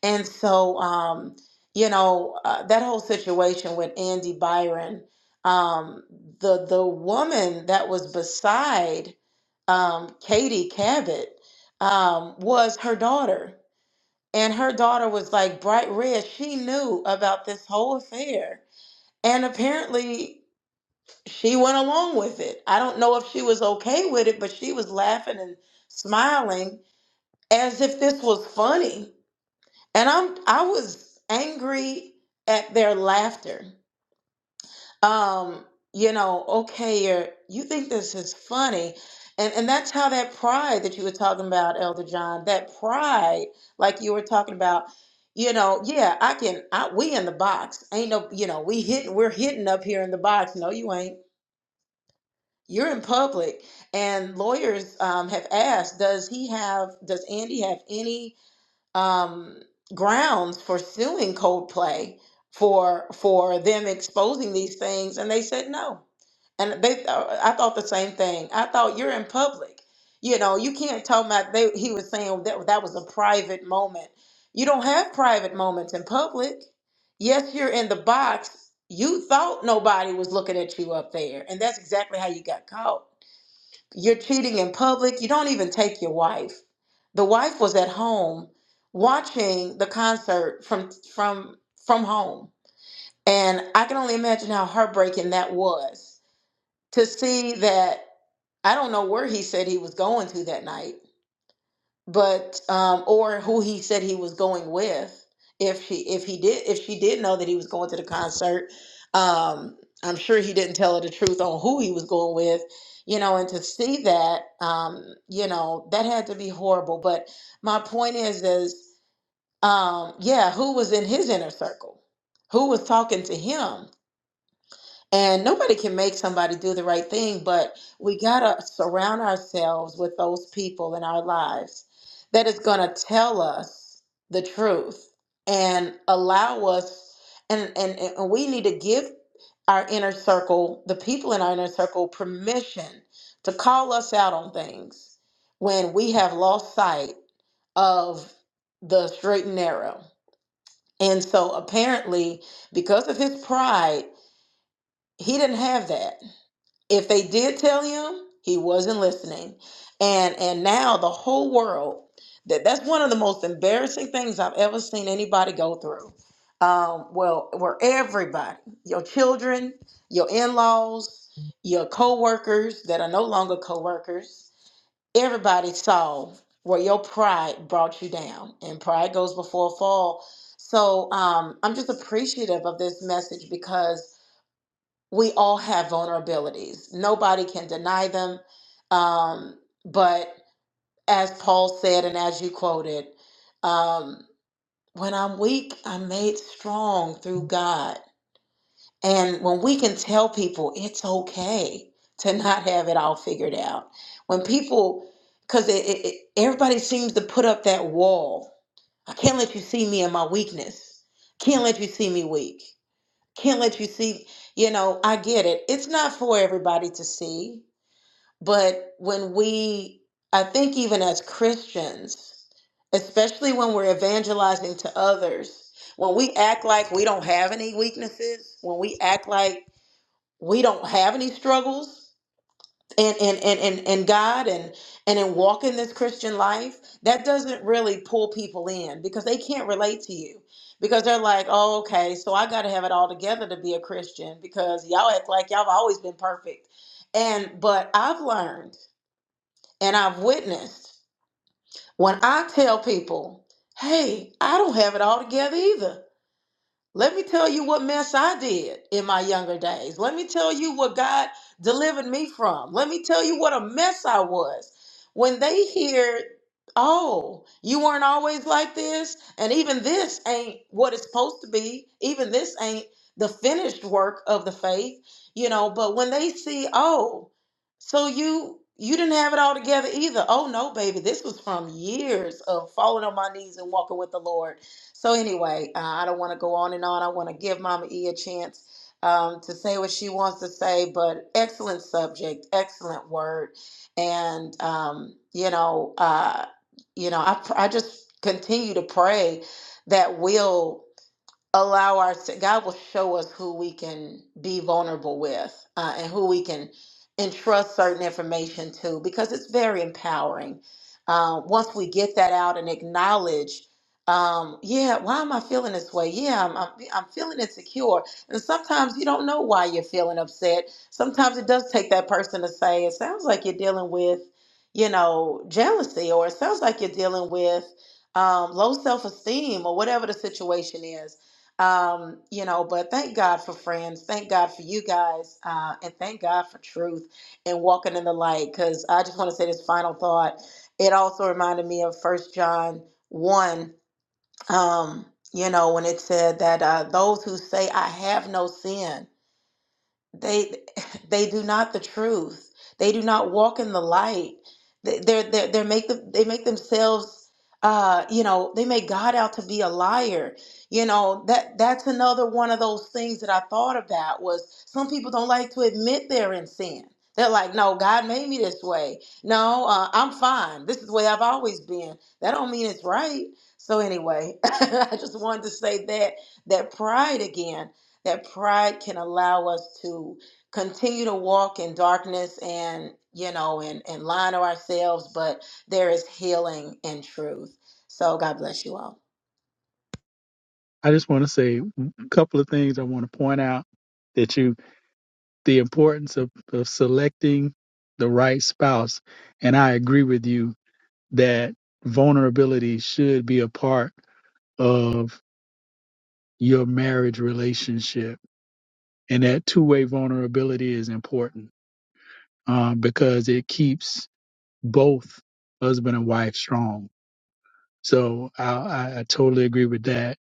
Speaker 3: And so, um, you know, uh, that whole situation with Andy Byron, um, the the woman that was beside um, Katie Cabot um, was her daughter and her daughter was like bright red. She knew about this whole affair, and apparently she went along with it. I don't know if she was okay with it, but she was laughing and smiling as if this was funny. And I'm I was angry at their laughter um, you know, okay, or you think this is funny. And and that's how that pride that you were talking about, Elder John, that pride, like you were talking about, you know, yeah, I can I we in the box. Ain't no, you know, we hitting we're hitting up here in the box. No, you ain't. You're in public. And lawyers um, have asked, does he have does Andy have any um, grounds for suing Coldplay for for them exposing these things, and they said no. And they, uh, I thought the same thing. I thought you're in public. You know, you can't tell my. They, he was saying that that was a private moment. You don't have private moments in public. Yes, you're in the box. You thought nobody was looking at you up there, and that's exactly how you got caught. You're cheating in public. You don't even take your wife. The wife was at home watching the concert from from from home. And I can only imagine how heartbreaking that was to see that I don't know where he said he was going to that night but um, or who he said he was going with. If she if he did if she did know that he was going to the concert, um, I'm sure he didn't tell her the truth on who he was going with, you know. And to see that, um, you know, that had to be horrible. But my point is, is um, yeah, who was in his inner circle? Who was talking to him? And nobody can make somebody do the right thing, but we got to surround ourselves with those people in our lives that is going to tell us the truth and allow us. And, and, and we need to give our inner circle, the people in our inner circle, permission to call us out on things when we have lost sight of the straight and narrow. And so apparently, because of his pride, he didn't have that if they did tell him he wasn't listening and and now the whole world that that's one of the most embarrassing things i've ever seen anybody go through um, well where everybody your children your in-laws your co-workers that are no longer co-workers everybody saw where your pride brought you down and pride goes before a fall so um, i'm just appreciative of this message because we all have vulnerabilities. Nobody can deny them. Um, but as Paul said, and as you quoted, um, when I'm weak, I'm made strong through God. And when we can tell people it's okay to not have it all figured out, when people, because it, it, it- everybody seems to put up that wall. I can't let you see me in my weakness. Can't let you see me weak can't let you see you know i get it it's not for everybody to see but when we i think even as christians especially when we're evangelizing to others when we act like we don't have any weaknesses when we act like we don't have any struggles and and and and, and God and and in walking this Christian life, that doesn't really pull people in because they can't relate to you because they're like, oh, okay, so I got to have it all together to be a Christian because y'all act like y'all have always been perfect. And but I've learned and I've witnessed when I tell people, hey, I don't have it all together either. Let me tell you what mess I did in my younger days. Let me tell you what God delivered me from. Let me tell you what a mess I was. When they hear, oh, you weren't always like this, and even this ain't what it's supposed to be, even this ain't the finished work of the faith, you know, but when they see, oh, so you you didn't have it all together either. Oh no, baby, this was from years of falling on my knees and walking with the Lord so anyway, uh, I don't want to go on and on. I want to give Mama E a chance um, to say what she wants to say, but excellent subject, excellent word, and um, you know, uh, you know, I pr- I just continue to pray that will allow our God will show us who we can be vulnerable with uh, and who we can entrust certain information to because it's very empowering. Uh, once we get that out and acknowledge, um, yeah, why am I feeling this way? Yeah, I'm, I'm, I'm feeling insecure. And sometimes you don't know why you're feeling upset. Sometimes it does take that person to say, it sounds like you're dealing with, you know, jealousy, or it sounds like you're dealing with um, low self esteem, or whatever the situation is um you know but thank god for friends thank god for you guys uh and thank god for truth and walking in the light because i just want to say this final thought it also reminded me of first john 1 um you know when it said that uh those who say i have no sin they [sighs] they do not the truth they do not walk in the light they they're, they're, they're make them they make themselves uh you know they make god out to be a liar you know that that's another one of those things that i thought about was some people don't like to admit they're in sin they're like no god made me this way no uh, i'm fine this is the way i've always been that don't mean it's right so anyway [laughs] i just wanted to say that that pride again that pride can allow us to continue to walk in darkness and you know and, and lie to ourselves but there is healing in truth so god bless you all
Speaker 4: I just want to say a couple of things I want to point out that you. the importance of, of selecting the right spouse. And I agree with you that vulnerability should be a part of your marriage relationship. And that two way vulnerability is important um, because it keeps both husband and wife strong. So I, I, I totally agree with that.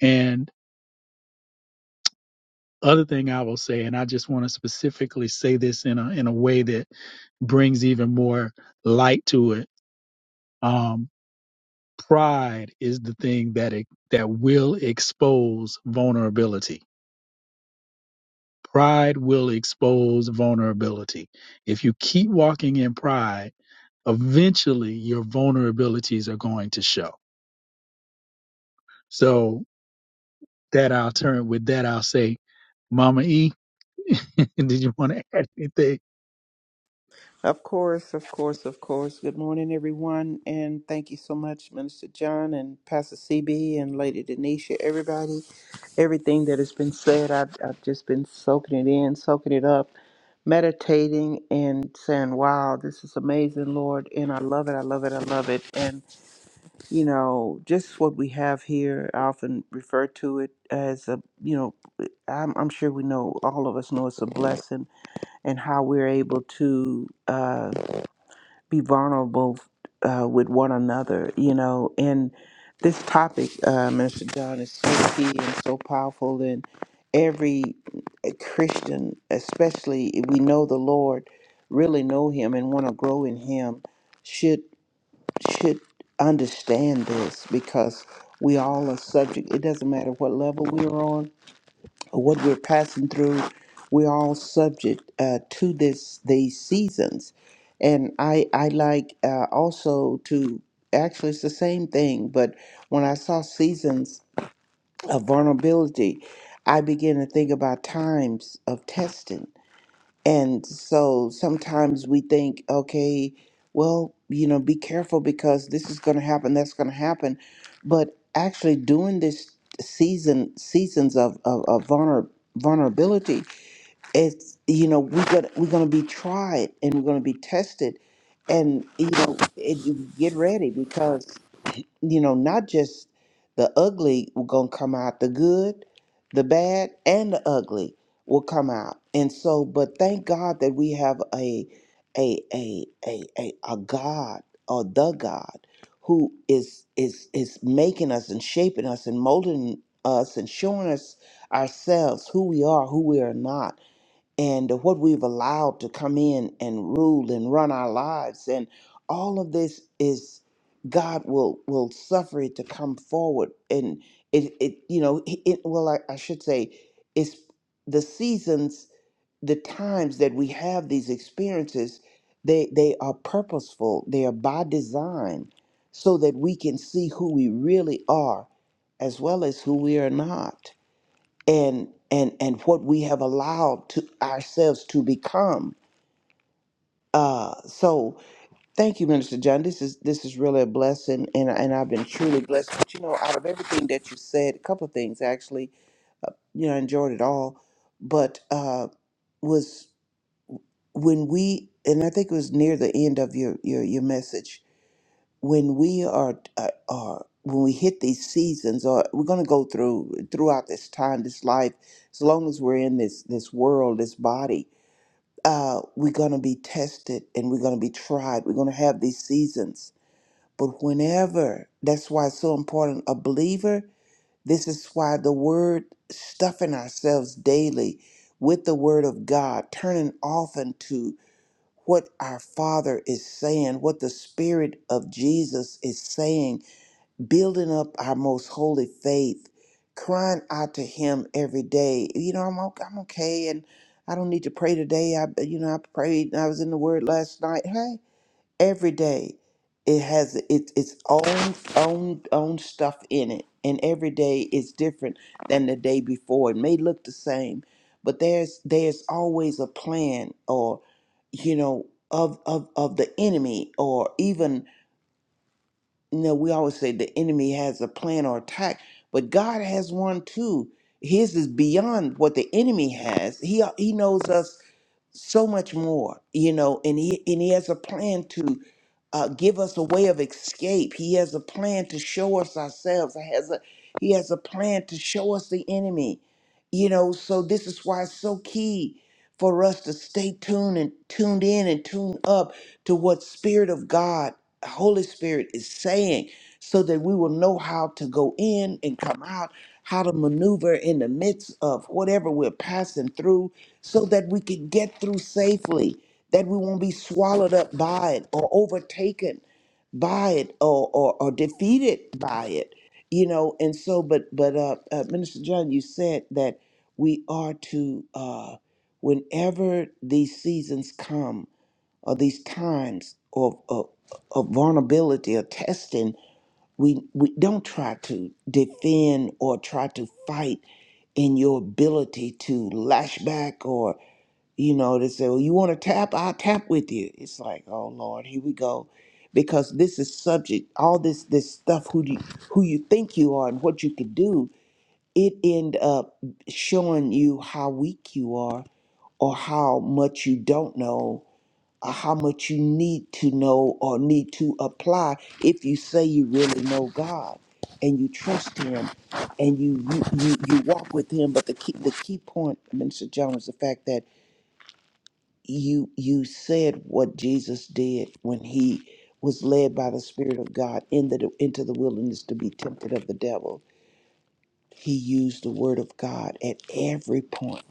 Speaker 4: And other thing I will say, and I just want to specifically say this in a in a way that brings even more light to it. Um, pride is the thing that it, that will expose vulnerability. Pride will expose vulnerability. If you keep walking in pride, eventually your vulnerabilities are going to show. So that I'll turn with that I'll say, Mama E, [laughs] did you want to add anything?
Speaker 5: Of course, of course, of course. Good morning, everyone, and thank you so much, Minister John and Pastor CB and Lady Denisha, everybody. Everything that has been said, I've, I've just been soaking it in, soaking it up, meditating, and saying, "Wow, this is amazing, Lord!" And I love it. I love it. I love it. And you know, just what we have here, I often refer to it as a, you know, I'm, I'm sure we know, all of us know, it's a blessing, and how we're able to. uh, be vulnerable uh, with one another, you know. And this topic, uh, Minister John, is so key and so powerful. And every Christian, especially if we know the Lord, really know Him and want to grow in Him, should should understand this because we all are subject. It doesn't matter what level we're on or what we're passing through, we're all subject uh, to this these seasons. And I I like uh, also to actually it's the same thing, but when I saw seasons of vulnerability, I began to think about times of testing and so sometimes we think, okay, well, you know, be careful because this is going to happen, that's going to happen. But actually, doing this season, seasons of, of, of vulner, vulnerability, it's, you know, we're going to we're gonna be tried and we're going to be tested. And, you know, it, you get ready because you know, not just the ugly will gonna come out, the good, the bad, and the ugly will come out. And so, but thank God that we have a a a a a, a God or the God who is is is making us and shaping us and molding us and showing us ourselves who we are, who we are not and what we've allowed to come in and rule and run our lives and all of this is god will will suffer it to come forward and it it you know it, it- well I, I should say it's the seasons the times that we have these experiences they they are purposeful they are by design so that we can see who we really are as well as who we are not and and and what we have allowed to ourselves to become. Uh, so thank you, Minister John. This is this is really a blessing, and and I've been truly blessed. But you know, out of everything that you said, a couple of things actually, you know, I enjoyed it all. But uh, was when we, and I think it was near the end of your your your message, when we are uh, are when we hit these seasons, or we're going to go through throughout this time, this life, as long as we're in this this world, this body uh, we're going to be tested and we're going to be tried. We're going to have these seasons. But whenever, that's why it's so important, a believer, this is why the word, stuffing ourselves daily with the word of God, turning often to what our Father is saying, what the Spirit of Jesus is saying building up our most holy faith, crying out to Him every day. You know, I'm okay, I'm okay, and I don't need to pray today. I, you know, I prayed. and I was in the Word last night. Hey, every day, it has its its own own own stuff in it, and every day is different than the day before. It may look the same, but there's there's always a plan, or you know, of of of the enemy, or even you know, we always say the enemy has a plan or attack, but God has one too. His is beyond what the enemy has. He he knows us so much more, you know, and he and he has a plan to uh, give us a way of escape. He has a plan to show us ourselves. He has a he has a plan to show us the enemy, you know. So this is why it's so key for us to stay tuned and tuned in and tuned up to what Spirit of God, Holy Spirit, is saying, so that we will know how to go in and come out, how to maneuver in the midst of whatever we're passing through so that we can get through safely, that we won't be swallowed up by it or overtaken by it or, or, or defeated by it, you know. And so, but but uh, uh, Minister John, you said that we are to uh, whenever these seasons come or these times of of, of vulnerability or testing, we we don't try to defend or try to fight in your ability to lash back or you know, they say, well, you want to tap? I'll tap with you. It's like, oh Lord, here we go. Because this is subject, all this this stuff who you who you think you are and what you could do, it end up showing you how weak you are or how much you don't know or how much you need to know or need to apply if you say you really know God and you trust him and you you you, you walk with him. But the key the key point, Minister John, is the fact that you you said what Jesus did when he was led by the Spirit of God in the, into the wilderness to be tempted of the devil. He used the word of God at every point.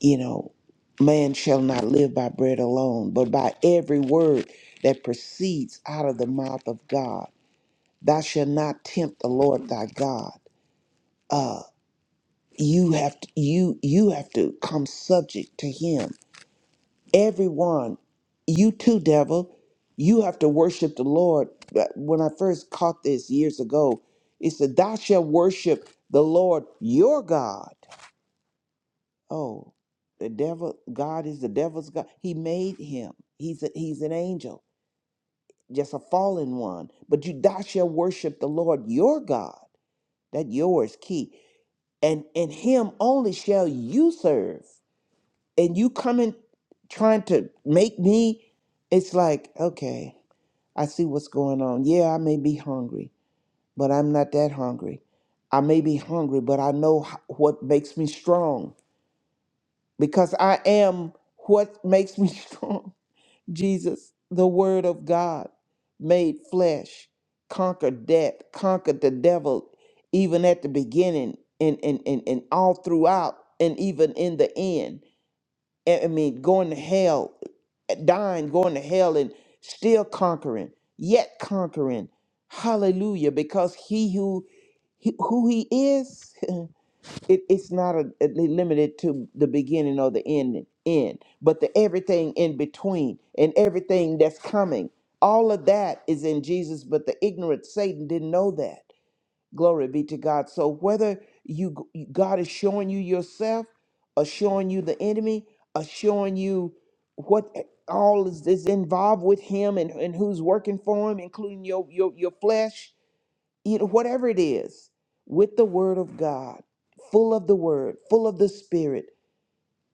Speaker 5: You know, man shall not live by bread alone, but by every word that proceeds out of the mouth of God. Thou shalt not tempt the Lord thy God. Uh, you have to, you you have to come subject to Him everyone, you too, devil, you have to worship the Lord. But When I first caught this years ago, it said, Thou shalt worship the Lord your God. Oh, the devil, God is the devil's God. He made him. He's a, he's an angel, just a fallen one. But you thou shalt worship the Lord your God. That yours key. And and him only shall you serve. And you coming trying to make me, it's like, okay. I see what's going on. Yeah, I may be hungry, but I'm not that hungry. I may be hungry, but I know h- what makes me strong because I am what makes me [laughs] strong. Jesus, the Word of God, made flesh, conquered death, conquered the devil, even at the beginning and, and, and, and all throughout, and even in the end. I I mean, going to hell, dying, going to hell, and still conquering, yet conquering. Hallelujah! Because he who he- who he is, [laughs] it, it's not a, a- limited to the beginning or the end, end, but the everything in between and everything that's coming. All of that is in Jesus, but the ignorant Satan didn't know that. Glory be to God. So whether you God is showing you yourself, or showing you the enemy, or showing you what eh, all is, is involved with him and, and who's working for him, including your your your flesh, you know, whatever it is, with the word of God, full of the word, full of the spirit,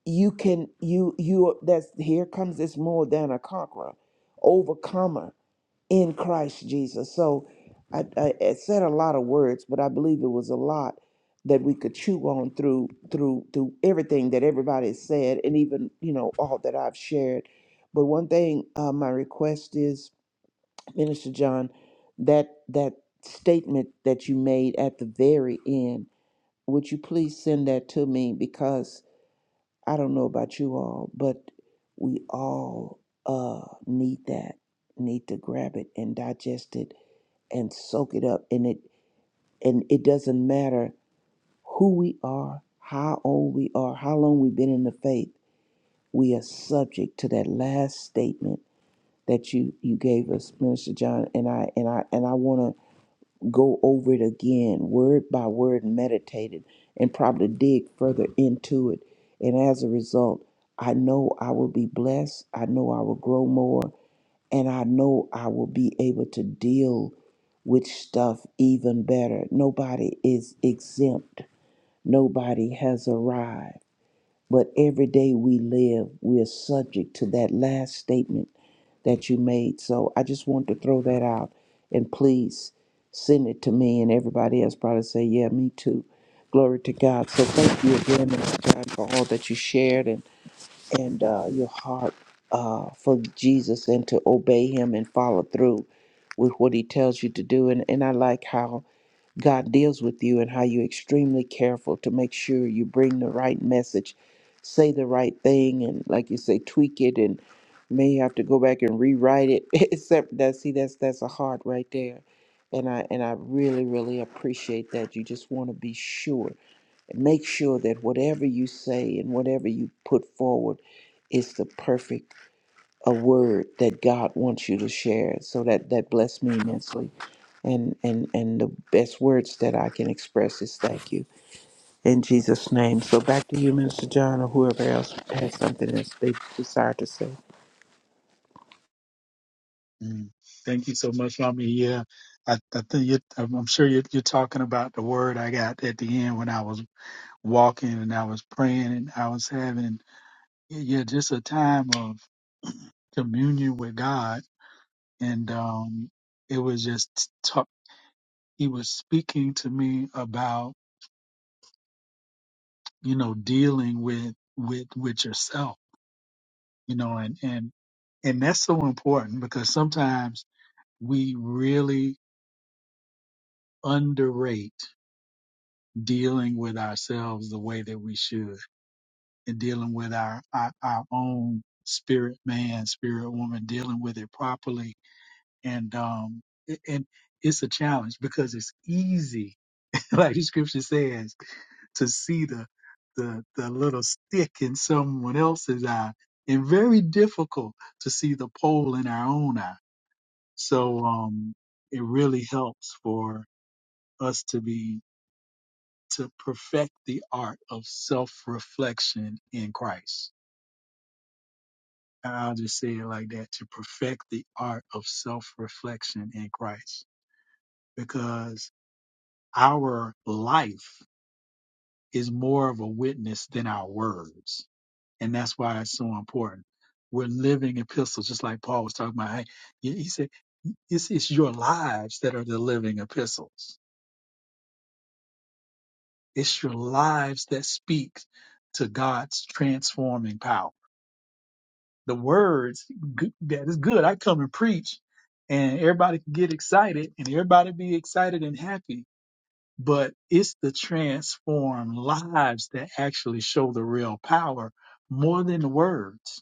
Speaker 5: you can you you that's here comes this more than a conqueror, overcomer in Christ Jesus. So I, I, I said a lot of words, but I believe it was a lot that we could chew on through through through everything that everybody has said, and even you know all that I've shared. But one thing, uh, my request is, Minister John, that that statement that you made at the very end, would you please send that to me because I don't know about you all, but we all uh, need that, need to grab it and digest it and soak it up and it and it doesn't matter who we are how old we are how long we've been in the faith we are subject to that last statement that you you gave us minister john and i and i and i want to go over it again word by word and meditate it and probably dig further into it and as a result i know i will be blessed i know i will grow more and I know I will be able to deal with stuff even better. Nobody is exempt, nobody has arrived. But every day we live, we're subject to that last statement that you made. So I just want to throw that out and please send it to me and everybody else probably say, Yeah, me too. Glory to God. So thank you again, Mr. John, for all that you shared And and uh, your heart uh, for Jesus and to obey Him and follow through with what He tells you to do. And, and I like how God deals with you and how you're extremely careful to make sure you bring the right message, say the right thing, and like you say, tweak it and may have to go back and rewrite it. [laughs] Except that, see, that's that's a heart right there. And I and I really really appreciate that. You just want to be sure and Make sure that whatever you say and whatever you put forward is the perfect a word that God wants you to share. So that that blessed me immensely. And and and the best words that I can express is thank you in Jesus' name. So back to you, Minister John, or whoever else has something that they desire to say.
Speaker 4: Mm. Thank you so much, Mommy. Yeah, I, I think you, I'm I'm sure you're, you're talking about the word I got at the end when I was walking and I was praying and I was having yeah yeah, just a time of communion with God, and um, it was just talk. He was speaking to me about you know dealing with with with yourself, you know, and and and that's so important because sometimes we really underrate dealing with ourselves the way that we should and dealing with our, our, our own spirit man, spirit woman, dealing with it properly. And, um, it- and it's a challenge because it's easy, [laughs] like the scripture says, to see the, the, the little stick in someone else's eye and very difficult to see the pole in our own eye. So, um, it really helps for us to be to perfect the art of self reflection in Christ. And I'll just say it like that to perfect the art of self reflection in Christ. Because our life is more of a witness than our words. And that's why it's so important. We're living epistles, just like Paul was talking about. Hey, he he said, it's, it's your lives that are the living epistles. It's your lives that speak to God's transforming power the words g- that is good. I come and preach, and everybody can get excited, and everybody be excited and happy. But it's the transformed lives that actually show the real power more than the words.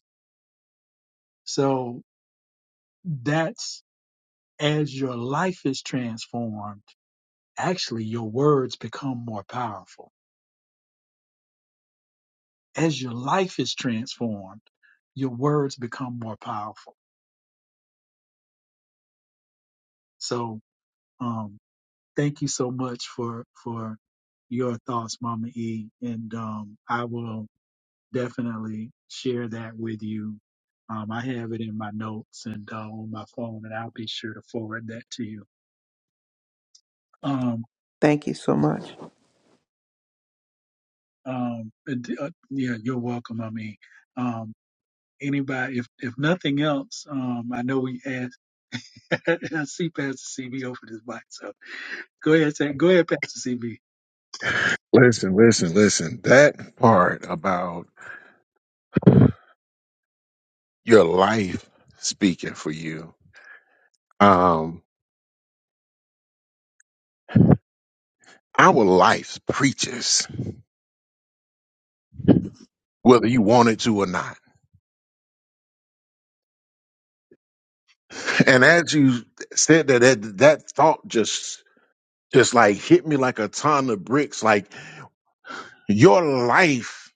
Speaker 4: So that's as your life is transformed, actually your words become more powerful. As your life is transformed, your words become more powerful. So, um, thank you so much for for your thoughts, Mama E. And um, I will definitely share that with you. Um, I have it in my notes and uh, on my phone, and I'll be sure to forward that to you. Um,
Speaker 5: Thank you so much.
Speaker 4: um, and, uh, yeah, you're welcome, Mama E. Um, anybody, if if nothing else, um, I know we asked. [laughs] I see Pastor CB [laughs] over this mic, so go ahead, say, go ahead, Pastor CB.
Speaker 2: Listen, listen, listen. That part about your life speaking for you Um, our life preaches whether you want it to or not. [laughs] And as you said that, that that thought just just like hit me like a ton of bricks. Like your life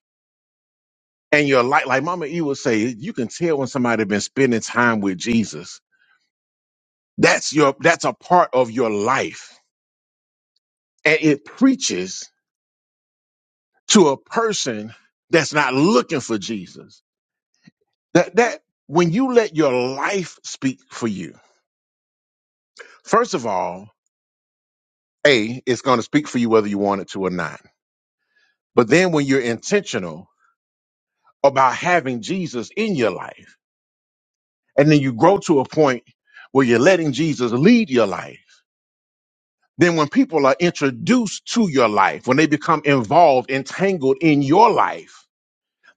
Speaker 2: and your life, like Mama E would say, you can tell when somebody been spending time with Jesus. That's your that's a part of your life, and it preaches to a person that's not looking for Jesus. That that when you let your life speak for you, first of all A, it's going to speak for you whether you want it to or not. But then when you're intentional about having Jesus in your life, and then you grow to a point where you're letting Jesus lead your life, then when people are introduced to your life, when they become involved, entangled in your life,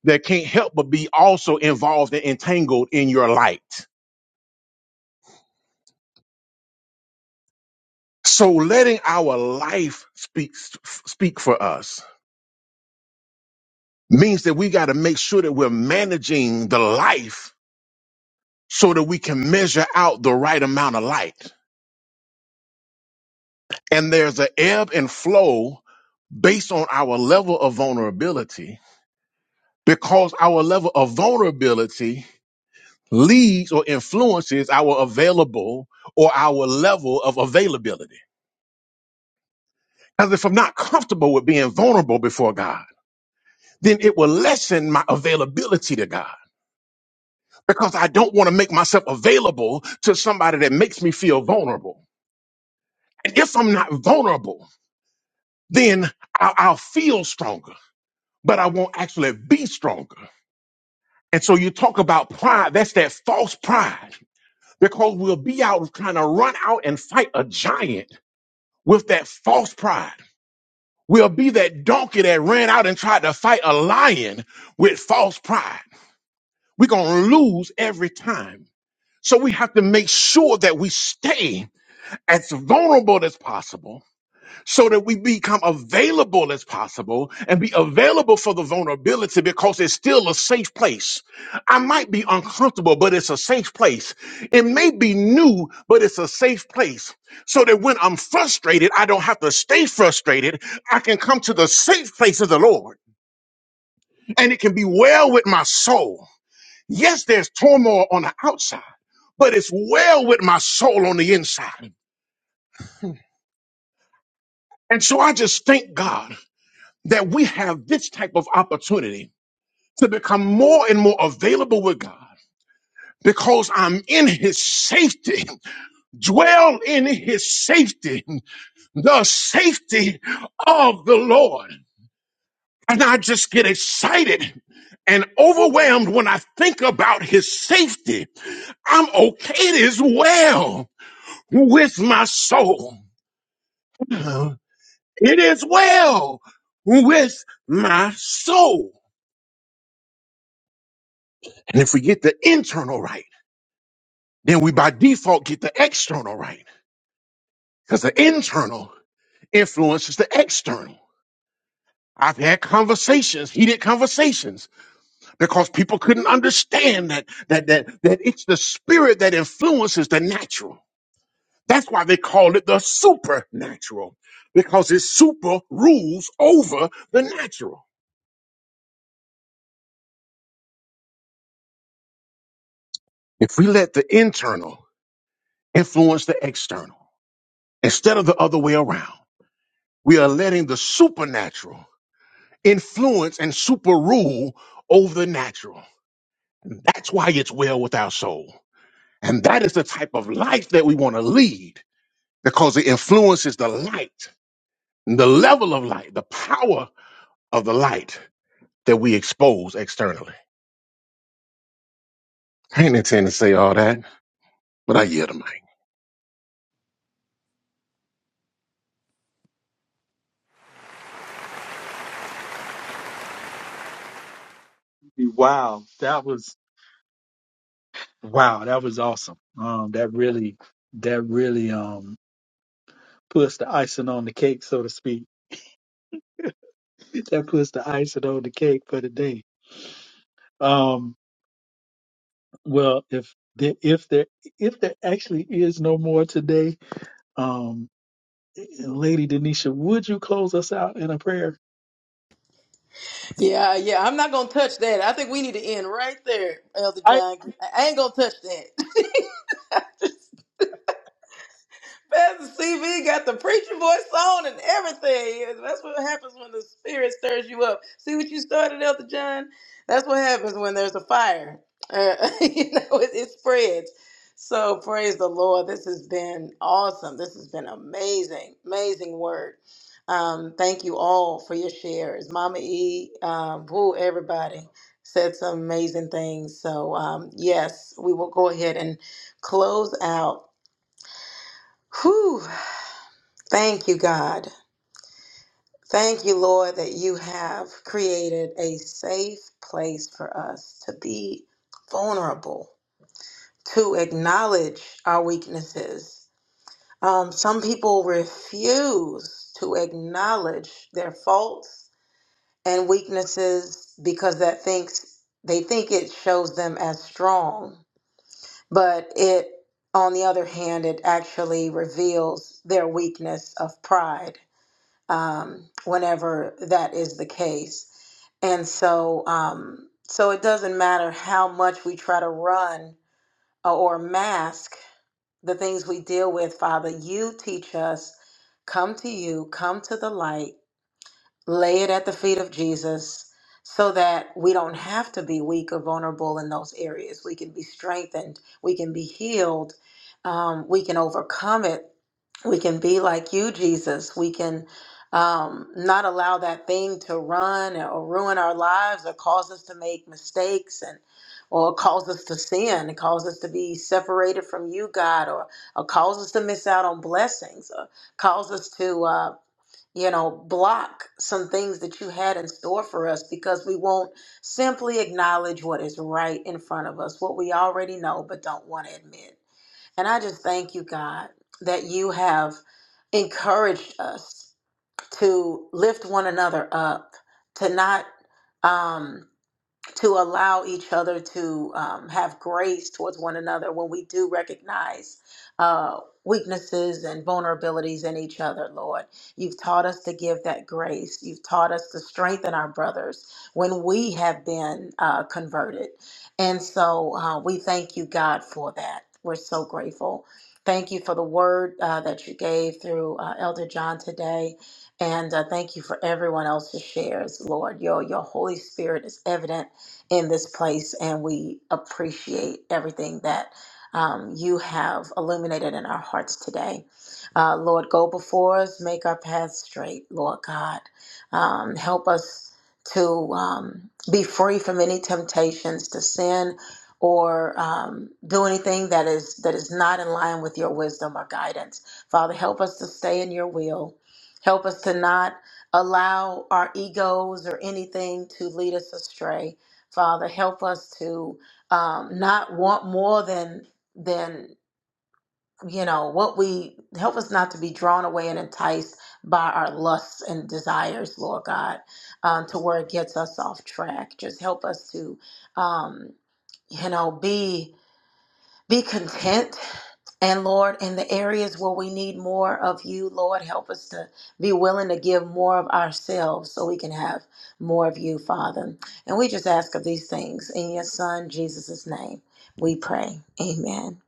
Speaker 2: they can't help but be also involved and entangled in your light. So letting our life speak, speak for us means that we got to make sure that we're managing the life so that we can measure out the right amount of light. And there's an ebb and flow based on our level of vulnerability because our level of vulnerability leads or influences our available or our level of availability. Because if I'm not comfortable with being vulnerable before God, then it will lessen my availability to God because I don't want to make myself available to somebody that makes me feel vulnerable. And if I'm not vulnerable, then I'll, I'll feel stronger, but I won't actually be stronger. And so you talk about pride, that's that false pride because we'll be out trying to run out and fight a giant with that false pride. We'll be that donkey that ran out and tried to fight a lion with false pride. We're going to lose every time. So we have to make sure that we stay as vulnerable as possible so that we become available as possible and be available for the vulnerability because it's still a safe place. I might be uncomfortable, but it's a safe place. It may be new, but it's a safe place so that when I'm frustrated, I don't have to stay frustrated. I can come to the safe place of the Lord and it can be well with my soul. Yes, there's turmoil on the outside, but it's well with my soul on the inside. And so I just thank God. that we have this type of opportunity to become more and more available with God. Because I'm in his safety, dwell in his safety, the safety of the Lord. And I just get excited and overwhelmed when I think about his safety. I'm okay, it is well with my soul. It is well with my soul. And if we get the internal right, then we by default get the external right because the internal influences the external. I've had conversations, heated conversations, because people couldn't understand that that that that it's the spirit that influences the natural. That's why they call it the supernatural, because it super rules over the natural. If we let the internal influence the external instead of the other way around, we are letting the supernatural influence and super rule over the natural. That's why it's well with our soul. And that is the type of life that we want to lead because it influences the light, the level of light, the power of the light that we expose externally. I ain't intending to say all that, but I yield to my
Speaker 4: Wow, that was Wow, that was awesome. Um, that really, that really um puts the icing on the cake, so to speak. [laughs] That puts the icing on the cake for the day. Um, well, if there, if there, if there actually is no more today, um, Lady Denisha, would you close us out in a prayer?
Speaker 3: Yeah, yeah. I'm not gonna touch that. I think we need to end right there, Elder John. I ain't gonna touch that. [laughs] Pastor CV got the preacher voice on and everything. That's what happens when the spirit stirs you up. See what you started, Elder John? That's what happens when there's a fire. Uh, [laughs] you know, it, it spreads. So praise the Lord. This has been awesome. This has been amazing, amazing word. Um, thank you all for your shares. Mama E, um, who everybody said some amazing things. So um, yes, we will go ahead and close out. Whew, Thank you, God. Thank you, Lord, that you have created a safe place for us to be vulnerable, to acknowledge our weaknesses. Um, some people refuse to acknowledge their faults and weaknesses because that thinks they think it shows them as strong, but it, on the other hand, it actually reveals their weakness of pride um, whenever that is the case. And so, um, so it doesn't matter how much we try to run or mask the things we deal with, Father. You teach us, come to you, come to the light lay it at the feet of Jesus so that we don't have to be weak or vulnerable in those areas. We can be strengthened, we can be healed, um, we can overcome it. We can be like you, Jesus. We can um, not allow that thing to run or ruin our lives or cause us to make mistakes and or cause us to sin, It cause us to be separated from you, God, or, or cause us to miss out on blessings, or cause us to. uh, you know, block some things that you had in store for us because we won't simply acknowledge what is right in front of us, what we already know but don't want to admit. And I just thank you, God, that you have encouraged us to lift one another up, to not. um, to allow each other to um, have grace towards one another when we do recognize uh, weaknesses and vulnerabilities in each other, Lord. You've taught us to give that grace. You've taught us to strengthen our brothers when we have been uh, converted. And so uh, we thank you, God, for that. We're so grateful. Thank you for the word uh, that you gave through uh, Elder John today. And uh, thank you for everyone else's shares, Lord. Your, your Holy Spirit is evident in this place, and we appreciate everything that um, you have illuminated in our hearts today. Uh, Lord, go before us, make our path straight, Lord God. Um, help us to um, be free from any temptations to sin or um, do anything that is that is not in line with your wisdom or guidance. Father, help us to stay in your will. Help us to not allow our egos or anything to lead us astray Father, help us to um, not want more than than you know what we help us not to be drawn away and enticed by our lusts and desires, Lord God, um, to where it gets us off track. Just help us to um, you know be be content and Lord, in the areas where we need more of you, Lord, help us to be willing to give more of ourselves so we can have more of you, Father. And we just ask of these things in your Son, Jesus' name. We pray. Amen.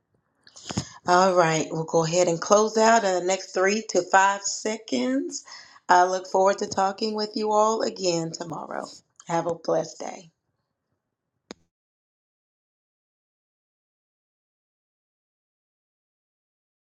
Speaker 3: All right, we'll go ahead and close out in the next three to five seconds. I look forward to talking with you all again tomorrow. Have a blessed day.